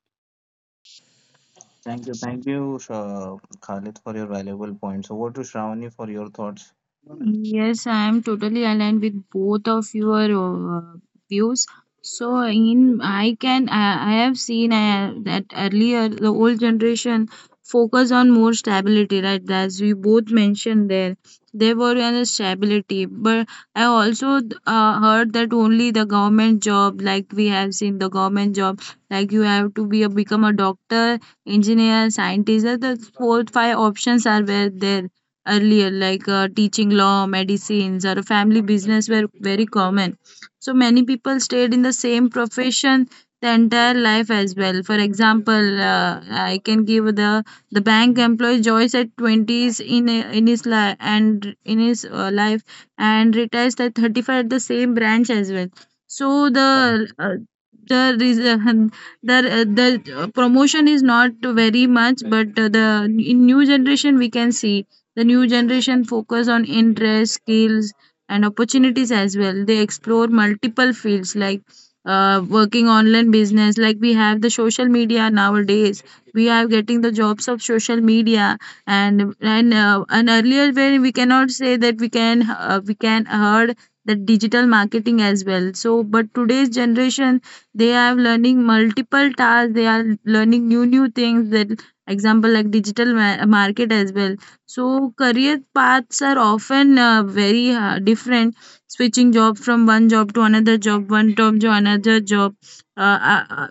Speaker 3: Thank you, Sha Khalid, for your valuable points. Over to Shravani for your thoughts.
Speaker 2: Yes, I am totally aligned with both of your views. So in I can, I have seen that earlier the old generation focus on more stability, right? As we both mentioned there, they were on a stability. But I also heard that only the government job, like we have seen the government job, like you have to become a doctor, engineer, scientist. The four five options are were there earlier, like teaching, law, medicines, or a family business were very common. So many people stayed in the same profession the entire life as well. For example, I can give the bank employee Joyce at twenties in his life and in his life and retires at 35 at the same branch as well. So
Speaker 1: Correct,
Speaker 2: the reason the promotion is not very much, but the in new generation we can see the new generation focus on interests, skills, and opportunities as well. They explore multiple fields like working online business, like we have the social media nowadays. We are getting the jobs of social media, and earlier when we cannot say that we can heard that digital marketing as well. So, but today's generation they are learning multiple tasks. They are learning new things. That example like digital market as well, so career paths are often very different. Switching job from one job to another job, one job to another job, uh, uh, uh,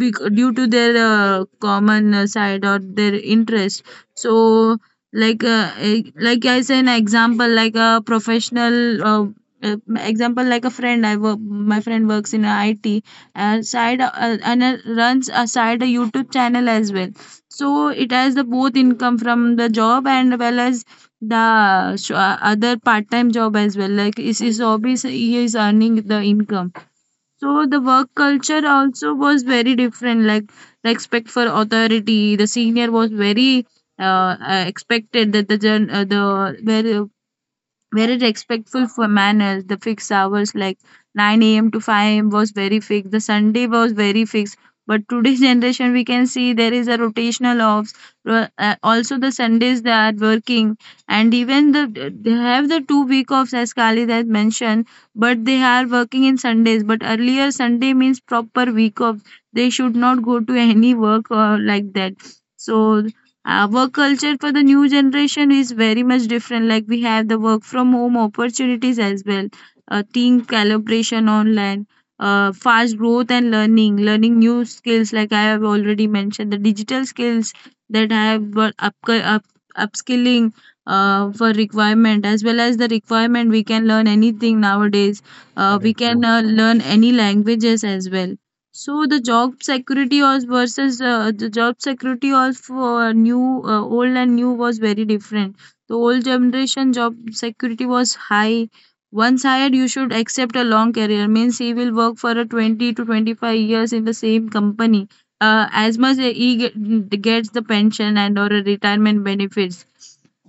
Speaker 2: due to their common side or their interest. So like like I say an example, like a professional. Example, like a friend I work my friend works in IT and side, and runs a side, a YouTube channel as well, so it has the both income from the job and well as the other part-time job as well. Like is his hobbies, he is earning the income. So the work culture also was very different. Like respect for authority, the senior was very expected, that the very very respectful for manners. The fixed hours like 9 a.m. to 5 a.m. was very fixed. The Sunday was very fixed. But today's generation, we can see there is a rotational offs. Also, the Sundays they are working, and even they have the 2 week offs as Khalid has mentioned. But they are working in Sundays. But earlier, Sunday means proper week off. They should not go to any work or like that. So our culture for the new generation is very much different. Like we have the work from home opportunities as well, team collaboration online, fast growth and learning new skills. Like I have already mentioned, the digital skills that I have up, up upskilling for requirement as well as the requirement. We can learn anything nowadays. We
Speaker 1: correct.
Speaker 2: can learn any languages as well, so the job security was versus the job security of new old and new was very different. The old generation job security was high. Once hired, you should accept a long career. Means he will work for a 20 to 25 years in the same company. As much as he gets the pension and or a retirement benefits.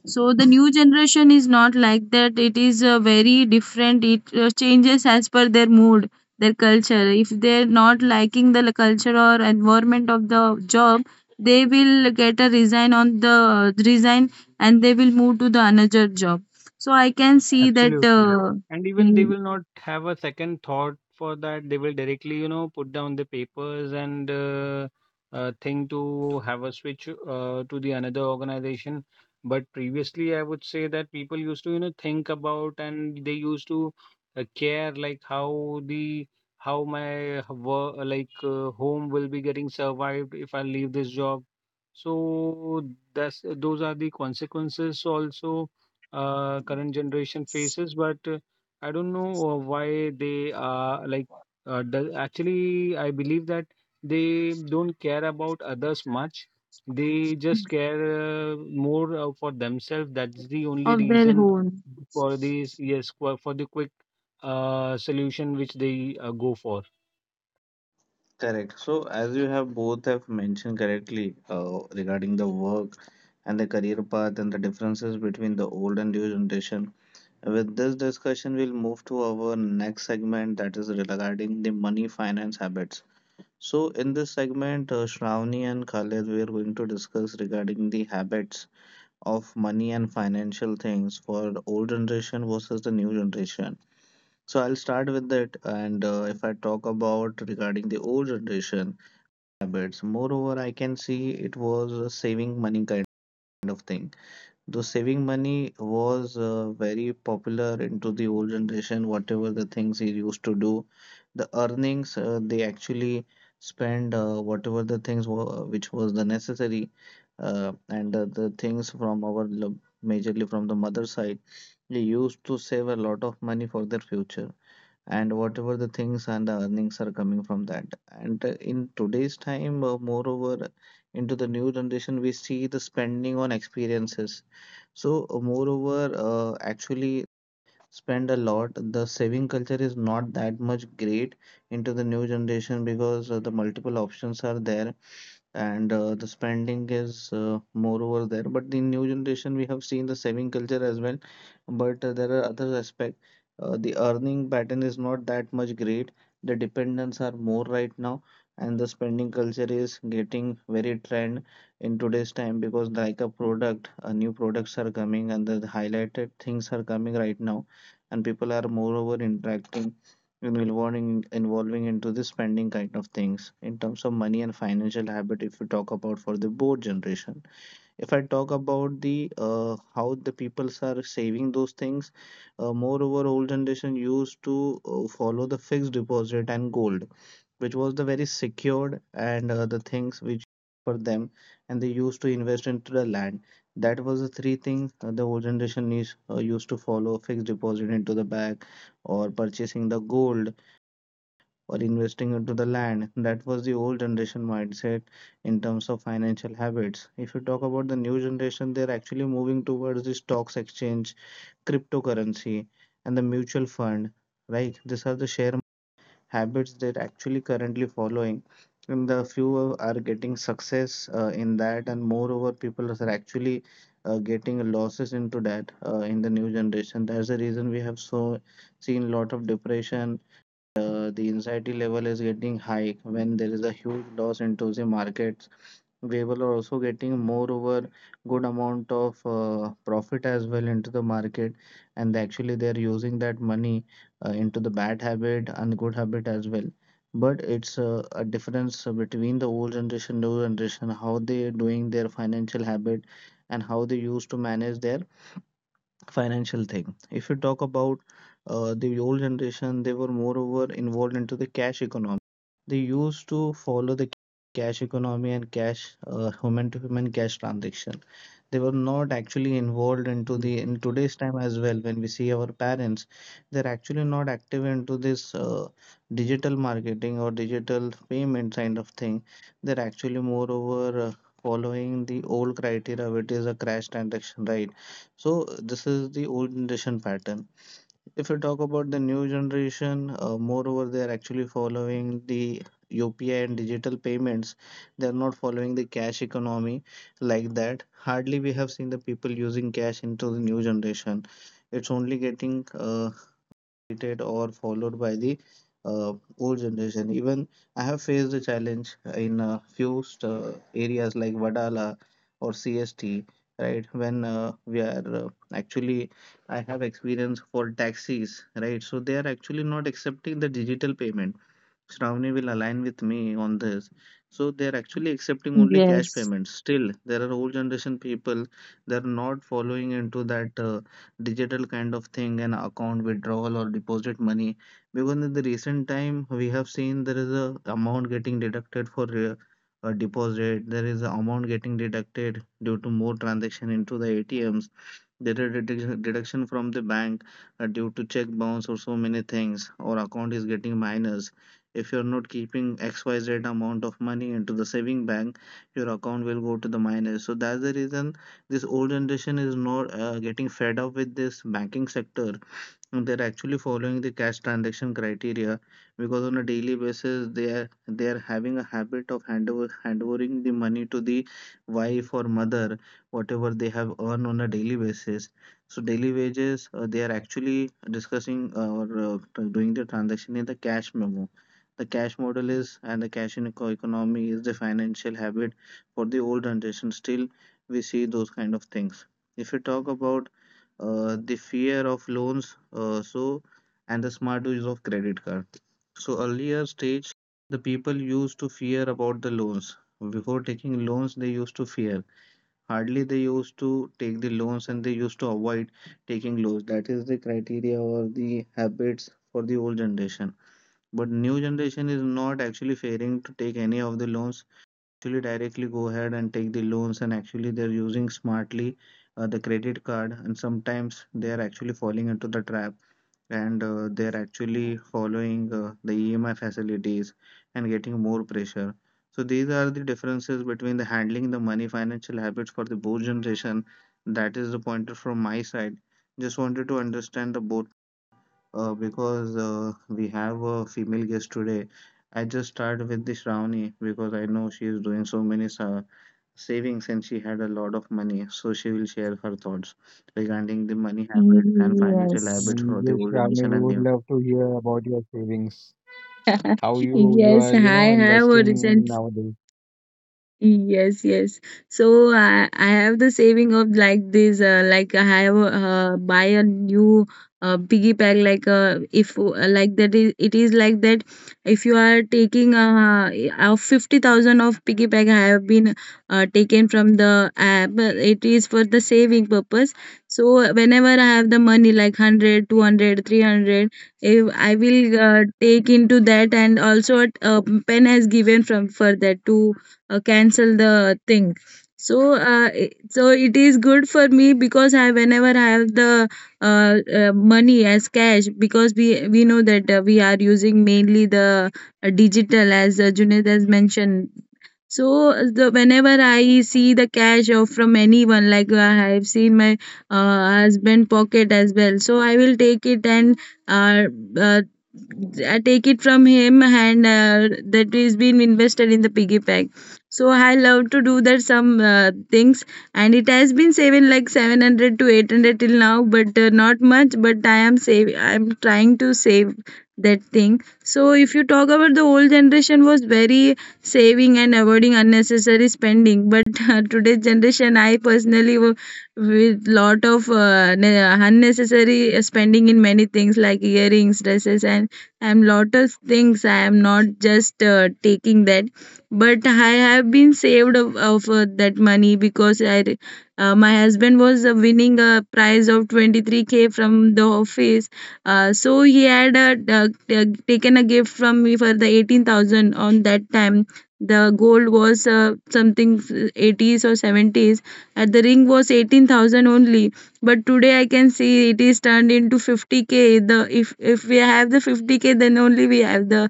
Speaker 2: So the new generation is not like that. It is very different. It changes as per their mood, their culture. If they're not liking the culture or environment of the job, they will get a resign on the resign and they will move to the another job. So I can see that
Speaker 1: Absolutely. And even they
Speaker 2: mm,
Speaker 1: will not have a second thought for that. They will directly, you know, put down the papers and think to have a switch to the another organization. But previously, I would say that people used to, you know, think about, and they used to care like how my work like home will be getting survived if I leave this job. So that's those are the consequences also current generation faces, but I don't know why they are like. Do, actually, I believe that they don't care about others much. They just care more for themselves. That's the only
Speaker 2: of their
Speaker 1: reason
Speaker 2: own.
Speaker 1: for these, yes, for the quick solution which they go for.
Speaker 3: Correct. So, as you have both have mentioned correctly regarding the work and the career path and the differences between the old and new generation, with this discussion, we'll move to our next segment, that is regarding the money finance habits. So, in this segment, Shravani and Khalid, we are going to discuss regarding the habits of money and financial things for the old generation versus the new generation. So, I'll start with that, and if I talk about regarding the old generation habits. Moreover, I can see it was a saving money kind of thing. Though saving money was very popular into the old generation, whatever the things he used to do, the earnings they actually spend whatever the things which was the necessary, and the things from our majorly from the mother side, they used to save a lot of money for their future and whatever the things and the earnings are coming from that. And in today's time, moreover, into the new generation, we see the spending on experiences. So, moreover, actually, spend a lot. The saving culture is not that much great into the new generation, because the multiple options are there and the spending is more over there. But in new generation, we have seen the saving culture as well. But there are other aspect. The earning pattern is not that much great. The dependents are more right now, and the spending culture is getting very trend in today's time, because like a product, new products are coming and the highlighted things are coming right now, and people are moreover interacting and involving into the spending kind of things. In terms of money and financial habit, if we talk about for the board generation, if I talk about the how the peoples are saving those things, moreover old generation used to follow the fixed deposit and gold, which was the very secured and the things which for them, and they used to invest into the land. That was the three things the old generation is used to follow: fixed deposit into the bank, or purchasing the gold, or investing into the land. That was the old generation mindset in terms of financial habits. If you talk about the new generation, they're actually moving towards the stocks exchange, cryptocurrency, and the mutual fund, right? These are the share habits they're actually currently following. And the few are getting success in that, and moreover, people are actually getting losses into that in the new generation. That's the reason we have so seen lot of depression. The anxiety level is getting high when there is a huge loss into the markets. We will also getting moreover good amount of profit as well into the market, and actually they are using that money into the bad habit and good habit as well. But it's a difference between the old generation, new generation, how they are doing their financial habit, and how they used to manage their financial thing. If you talk about the old generation, they were moreover involved into the cash economy. They used to follow the cash economy and cash human to human cash transaction. They were not actually involved into
Speaker 1: Yes.
Speaker 3: the in today's time as well. When we see our parents, they're actually not active into this digital marketing or digital payment kind of thing. They're actually moreover following the old criteria, which is a crash transaction, right? So this is the old generation pattern. If you talk about the new generation, moreover, they are actually following the UPI and digital payments. They are not following the cash economy like that. Hardly we have seen the people using cash into the new generation. It's only getting or followed by the uh, old generation. Even I have faced the challenge in a few areas like Vadala or CST, right? When we are actually, I have experience for taxis, right? So they are actually not accepting the digital payment. Shravani will align with me on this. So they're actually accepting only cash
Speaker 2: Yes.
Speaker 3: payments. Still, there are old generation people, they're not following into that digital kind of thing and account withdrawal or deposit money, because in the recent time we have seen there is a amount getting deducted for uh, a deposit. There is a amount getting deducted due to more transaction into the ATMs. Deduction from the bank due to check bounce or so many things, or account is getting minus. If you're not keeping XYZ amount of money into the saving bank, your account will go to the minus. So that's the reason this old generation is not getting fed up with this banking sector. They're actually following the cash transaction criteria, because on a daily basis they are having a habit of handovering the money to the wife or mother, whatever they have earned on a daily basis. So daily wages, they are actually discussing doing the transaction in the cash memo. The cash model is, and the cash in economy is the financial habit for the old generation. Still, we see those kind of things. If you talk about the fear of loans, so and the smart use of credit card, so earlier stage the people used to fear about the loans. Before taking loans they used to fear, hardly they used to take the loans, and they used to avoid taking loans. That is the criteria or the habits for the old generation. But new generation is not actually fearing to take any of the loans, actually directly go ahead and take the loans, and actually they're using smartly the credit card, and sometimes they are actually falling into the trap, and they're actually following the EMI facilities and getting more pressure. So these are the differences between the handling the money financial habits for the both generation. That is the pointer from my side. Just wanted to understand the both, because we have a female guest today. I just started with this Ravani because I know she is doing so many savings and she had a lot of money. So she will share her thoughts regarding the money habits and financial
Speaker 2: Yes.
Speaker 3: habits
Speaker 1: Mm,
Speaker 3: for the
Speaker 1: yes,
Speaker 3: old
Speaker 1: Shravani,
Speaker 3: generation
Speaker 1: we
Speaker 3: and
Speaker 1: would
Speaker 3: new.
Speaker 1: love to hear about your savings, how you are,
Speaker 2: Yes. I
Speaker 1: you know,
Speaker 2: have a
Speaker 1: investing
Speaker 2: recent
Speaker 1: nowadays.
Speaker 2: Yes, yes. So I have the saving of like this, like I have buy a new piggy bank, like if like that, is it is like that. If you are taking 50,000 of piggy bank, I have been taken from the app, it is for the saving purpose. So whenever I have the money like 100, 200, 300, if I will take into that, and also a pen has given from for that to cancel the thing. So it is good for me, because I whenever I have the money as cash, because we know that we are using mainly the digital, as Junaid has mentioned. So the whenever I see the cash of from anyone, like I have seen my husband pocket as well, so I will take it, and uh, uh, I take it from him, and that is been invested in the piggy bank. So I love to do that some things, and it has been saving like 700 to 800 till now, but not much. But I am save. I am trying to save that thing. So if you talk about the old generation was very saving and avoiding unnecessary spending. But today's generation, I personally with lot of unnecessary spending in many things like earrings, dresses, and I'm lot of things. I am not just taking that, but I have been saved of that money, because my husband was winning a prize of 23k from the office, so he had uh, taken a gift from me for the 18,000. On that time the gold was something 80s or 70s, and the ring was 18,000 only. But today I can see it is turned into 50k. The if we have the 50k, then only we have the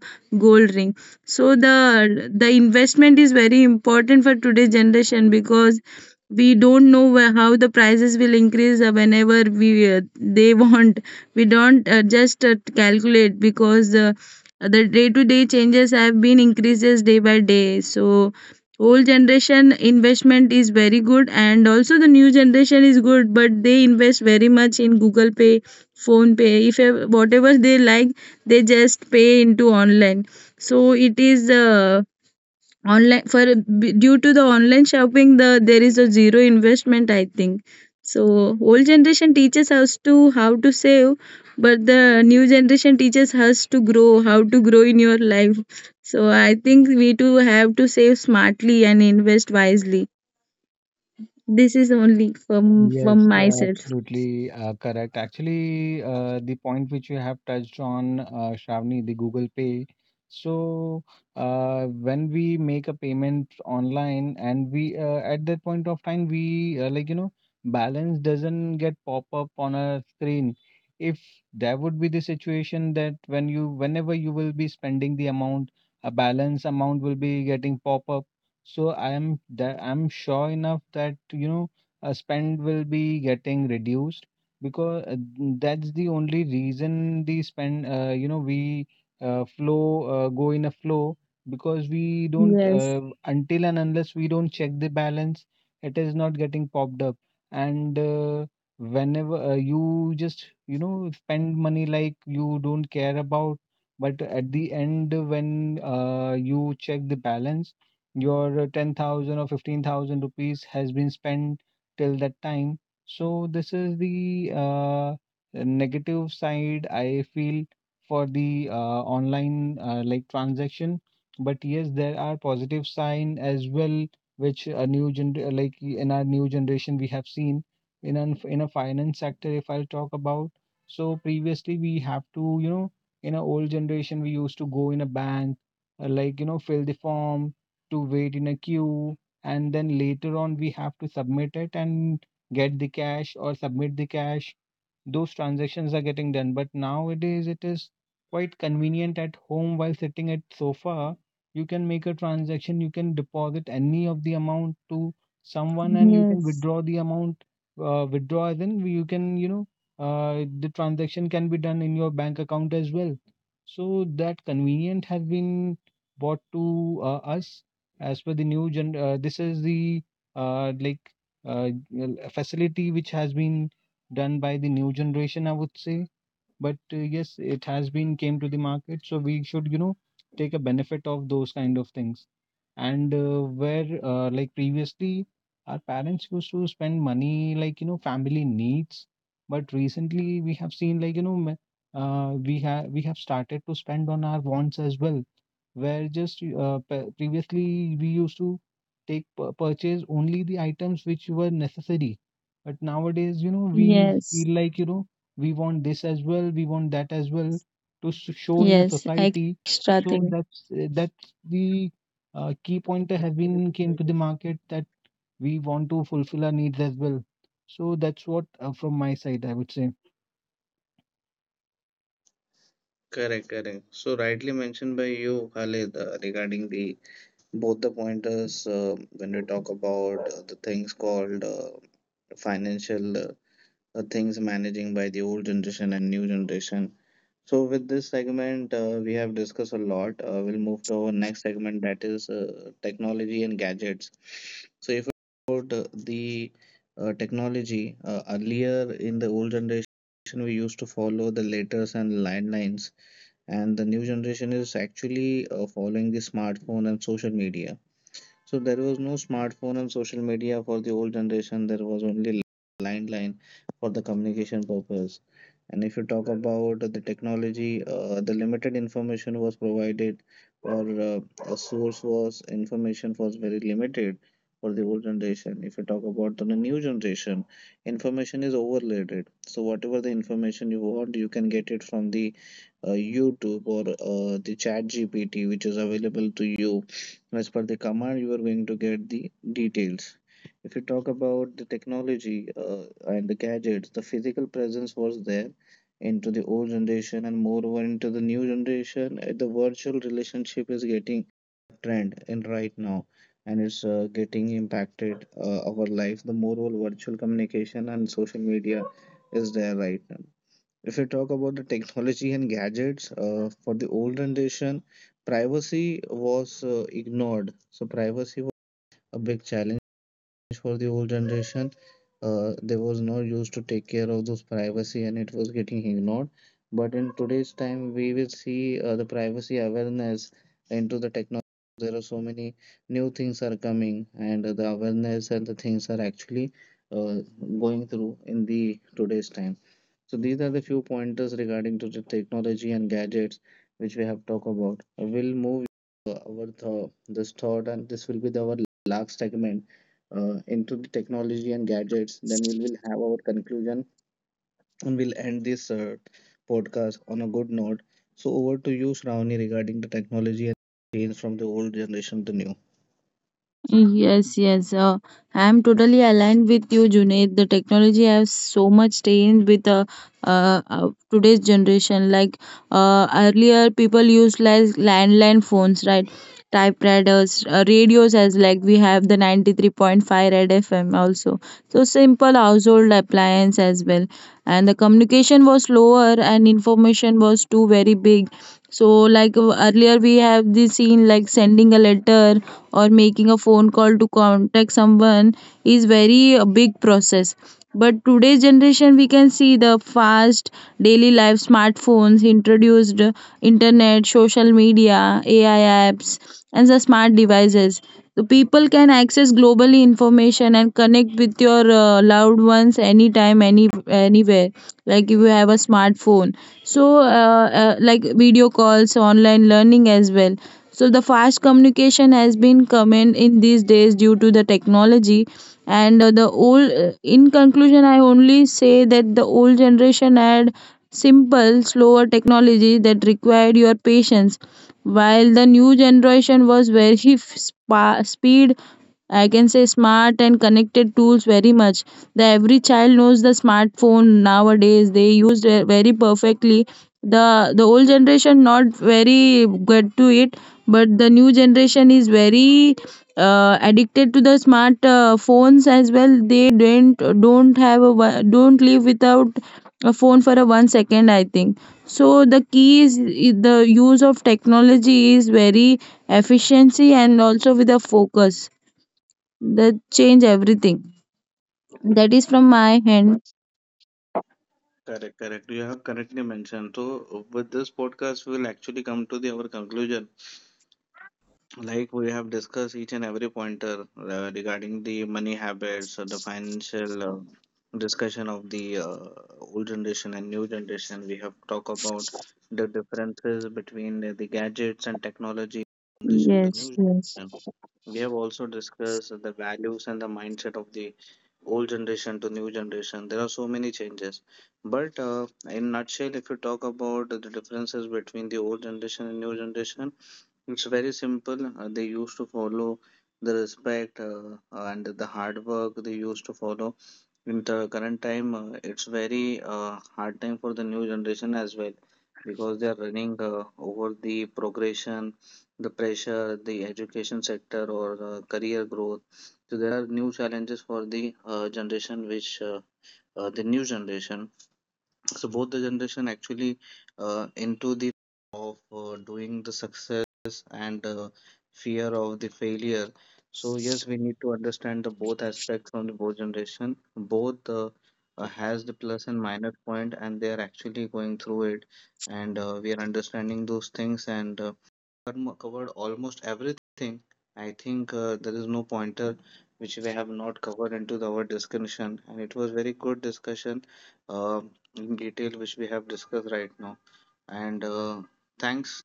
Speaker 2: gold ring. So the investment is very important for today's generation, because we don't know where, how the prices will increase whenever we they want, we don't just calculate, because the day to day changes have been increases day by day. So old generation investment is very good, and also the new generation is good, but they invest very much in Google Pay, phone pay if whatever they like, they just pay into online. So it is online for due to the online shopping. There is a zero investment, I think. So old generation teaches us to how to save, but the new generation teaches us to grow, how to grow in your life. So I think we too have to save smartly and invest wisely. This is only from
Speaker 1: Yes,
Speaker 2: myself.
Speaker 1: absolutely correct. Actually, the point which you have touched on, Shravani, the Google Pay. So, when we make a payment online, and we at that point of time, we balance doesn't get pop up on a screen. If there would be the situation that whenever you will be spending the amount, a balance amount will be getting pop up. So I'm sure enough that you know spend will be getting reduced, because that's the only reason the spend we flow go in a flow, because we don't
Speaker 2: Yes,
Speaker 1: until and unless we don't check the balance it is not getting popped up, and whenever you just you know spend money like you don't care about, but at the end when you check the balance, your 10,000 or 15,000 rupees has been spent till that time. So this is the negative side I feel for the online like transaction. But yes, there are positive sign as well, which a new gen, like in our new generation we have seen in an in a finance sector, if I'll talk about. So previously we have to you know in a old generation we used to go in a bank, like you know fill the form, to wait in a queue, and then later on we have to submit it, and get the cash or submit the cash, those transactions are getting done. But nowadays, it is quite convenient, at home while sitting at sofa. You can make a transaction, you can deposit any of the amount to someone, and you can
Speaker 2: yes,
Speaker 1: withdraw the amount. Withdraw as in you can, you know, the transaction can be done in your bank account as well. So that convenient has been brought to us as per the new gen. This is the uh, like well, facility which has been done by the new generation, I would say, but yes, it has been came to the market, so we should you know take a benefit of those kind of things. And where like previously our parents used to spend money like you know family needs, but recently we have seen like you know we have started to spend on our wants as well, where just previously we used to take purchase only the items which were necessary. But nowadays you know we
Speaker 2: yes,
Speaker 1: feel like you know we want this as well, we want that as well to show in a
Speaker 2: yes,
Speaker 1: society.
Speaker 2: extra
Speaker 1: So
Speaker 2: thing.
Speaker 1: that's the key pointer has been came to the market, that we want to fulfill our needs as well. So that's what from my side I would say.
Speaker 3: Correct, correct. So rightly mentioned by you, Khalid, regarding the both the pointers, when we talk about the things called financial things managing by the old generation and new generation. So with this segment, we have discussed a lot. We'll move to our next segment, that is technology and gadgets. So if about the technology, earlier in the old generation, we used to follow the letters and landlines, and the new generation is actually following the smartphone and social media. So there was no smartphone and social media for the old generation. There was only landline for the communication purpose. And if you talk about the technology, the limited information was provided, or a source was information was very limited for the old generation. If you talk about the new generation, information is overloaded. So whatever the information you want, you can get it from the YouTube or the Chat GPT, which is available to you. As per the command, you are going to get the details. If you talk about the technology and the gadgets, the physical presence was there into the old generation, and moreover into the new generation, the virtual relationship is getting trend in right now, and it's getting impacted our life. The moreover virtual communication and social media is there right now. If you talk about the technology and gadgets, for the old generation, privacy was ignored. So privacy was a big challenge for the old generation. There was no use to take care of those privacy, and it was getting ignored. But in today's time, we will see the privacy awareness into the technology. There are so many new things are coming, and the awareness and the things are actually uh, going through in the today's time. So these are the few pointers regarding to the technology and gadgets which we have talked about. I will move this thought, and this will be the our last segment into the technology and gadgets. Then we will have our conclusion and we'll end this podcast on a good note. So over to you, Shravani, regarding the technology and change from the old generation to new.
Speaker 2: Yes, yes. I'm totally aligned with you, Junaid. The technology has so much changed with today's generation. Like earlier, people used like landline phones, right? Typewriters, radios, as like we have the 93.5 Red FM also. So simple household appliance as well, and the communication was slower and information was too very big. So like earlier we have this seen like sending a letter or making a phone call to contact someone is very a big process, but today's generation we can see the fast daily life, smartphones introduced, internet, social media, AI apps, and the smart devices. So people can access globally information and connect with your loved ones anytime, anywhere. Like if you have a smartphone, so like video calls, online learning as well. So the fast communication has been common in these days due to the technology. And the old in conclusion, I only say that the old generation had simple slower technology that required your patience, while the new generation was very speed, I can say, smart and connected tools. Very much, the every child knows the smartphone nowadays. They used it very perfectly. The old generation not very good to it, but the new generation is very addicted to the smart phones as well. They don't don't live without a phone for a 1 second, I think. So the key is the use of technology is very efficiency, and also with a focus that change everything. That is from my hand.
Speaker 3: Correct, correct. You have correctly mentioned. So, with this podcast, we will actually come to the our conclusion. Like we have discussed each and every pointer regarding the money habits, or the financial discussion of the old generation and new generation. We have talked about the differences between the gadgets and technology, generation to
Speaker 2: Yes,
Speaker 3: new
Speaker 2: yes,
Speaker 3: generation. We have also discussed the values and the mindset of the old generation to new generation. There are so many changes. But in nutshell, if you talk about the differences between the old generation and new generation, it's very simple. They used to follow the respect and the hard work, they used to follow. In the current time, it's very hard time for the new generation as well, because they are running over the progression, the pressure, the education sector, or career growth. So there are new challenges for the generation, which the new generation. So both the generation actually into the of doing the success and fear of the failure. So yes, we need to understand the both aspects from the both generation. Both has the plus and minus point, and they are actually going through it, and we are understanding those things, and covered almost everything. I think there is no pointer which we have not covered into the our discussion, and it was very good discussion uh, in detail which we have discussed right now. And thanks.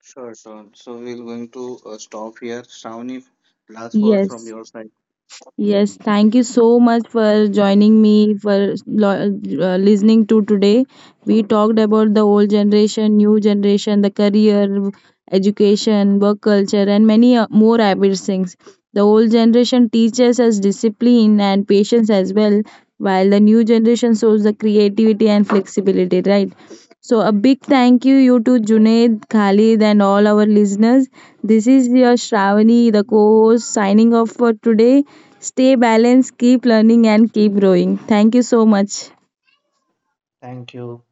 Speaker 3: Sure, sure. So we're going to stop here. Shravani, last word from
Speaker 2: yes.
Speaker 3: your side.
Speaker 2: Yes, thank you so much for joining me for listening to today. We talked about the old generation, new generation, the career, education, work culture, and many more habit things. The old generation teaches us discipline and patience as well, while the new generation shows the creativity and flexibility, right? So, a big thank you to Junaid, Khalid, and all our listeners. This is your Shravani, the co host, signing off for today. Stay balanced, keep learning, and keep growing. Thank you so much.
Speaker 3: Thank you.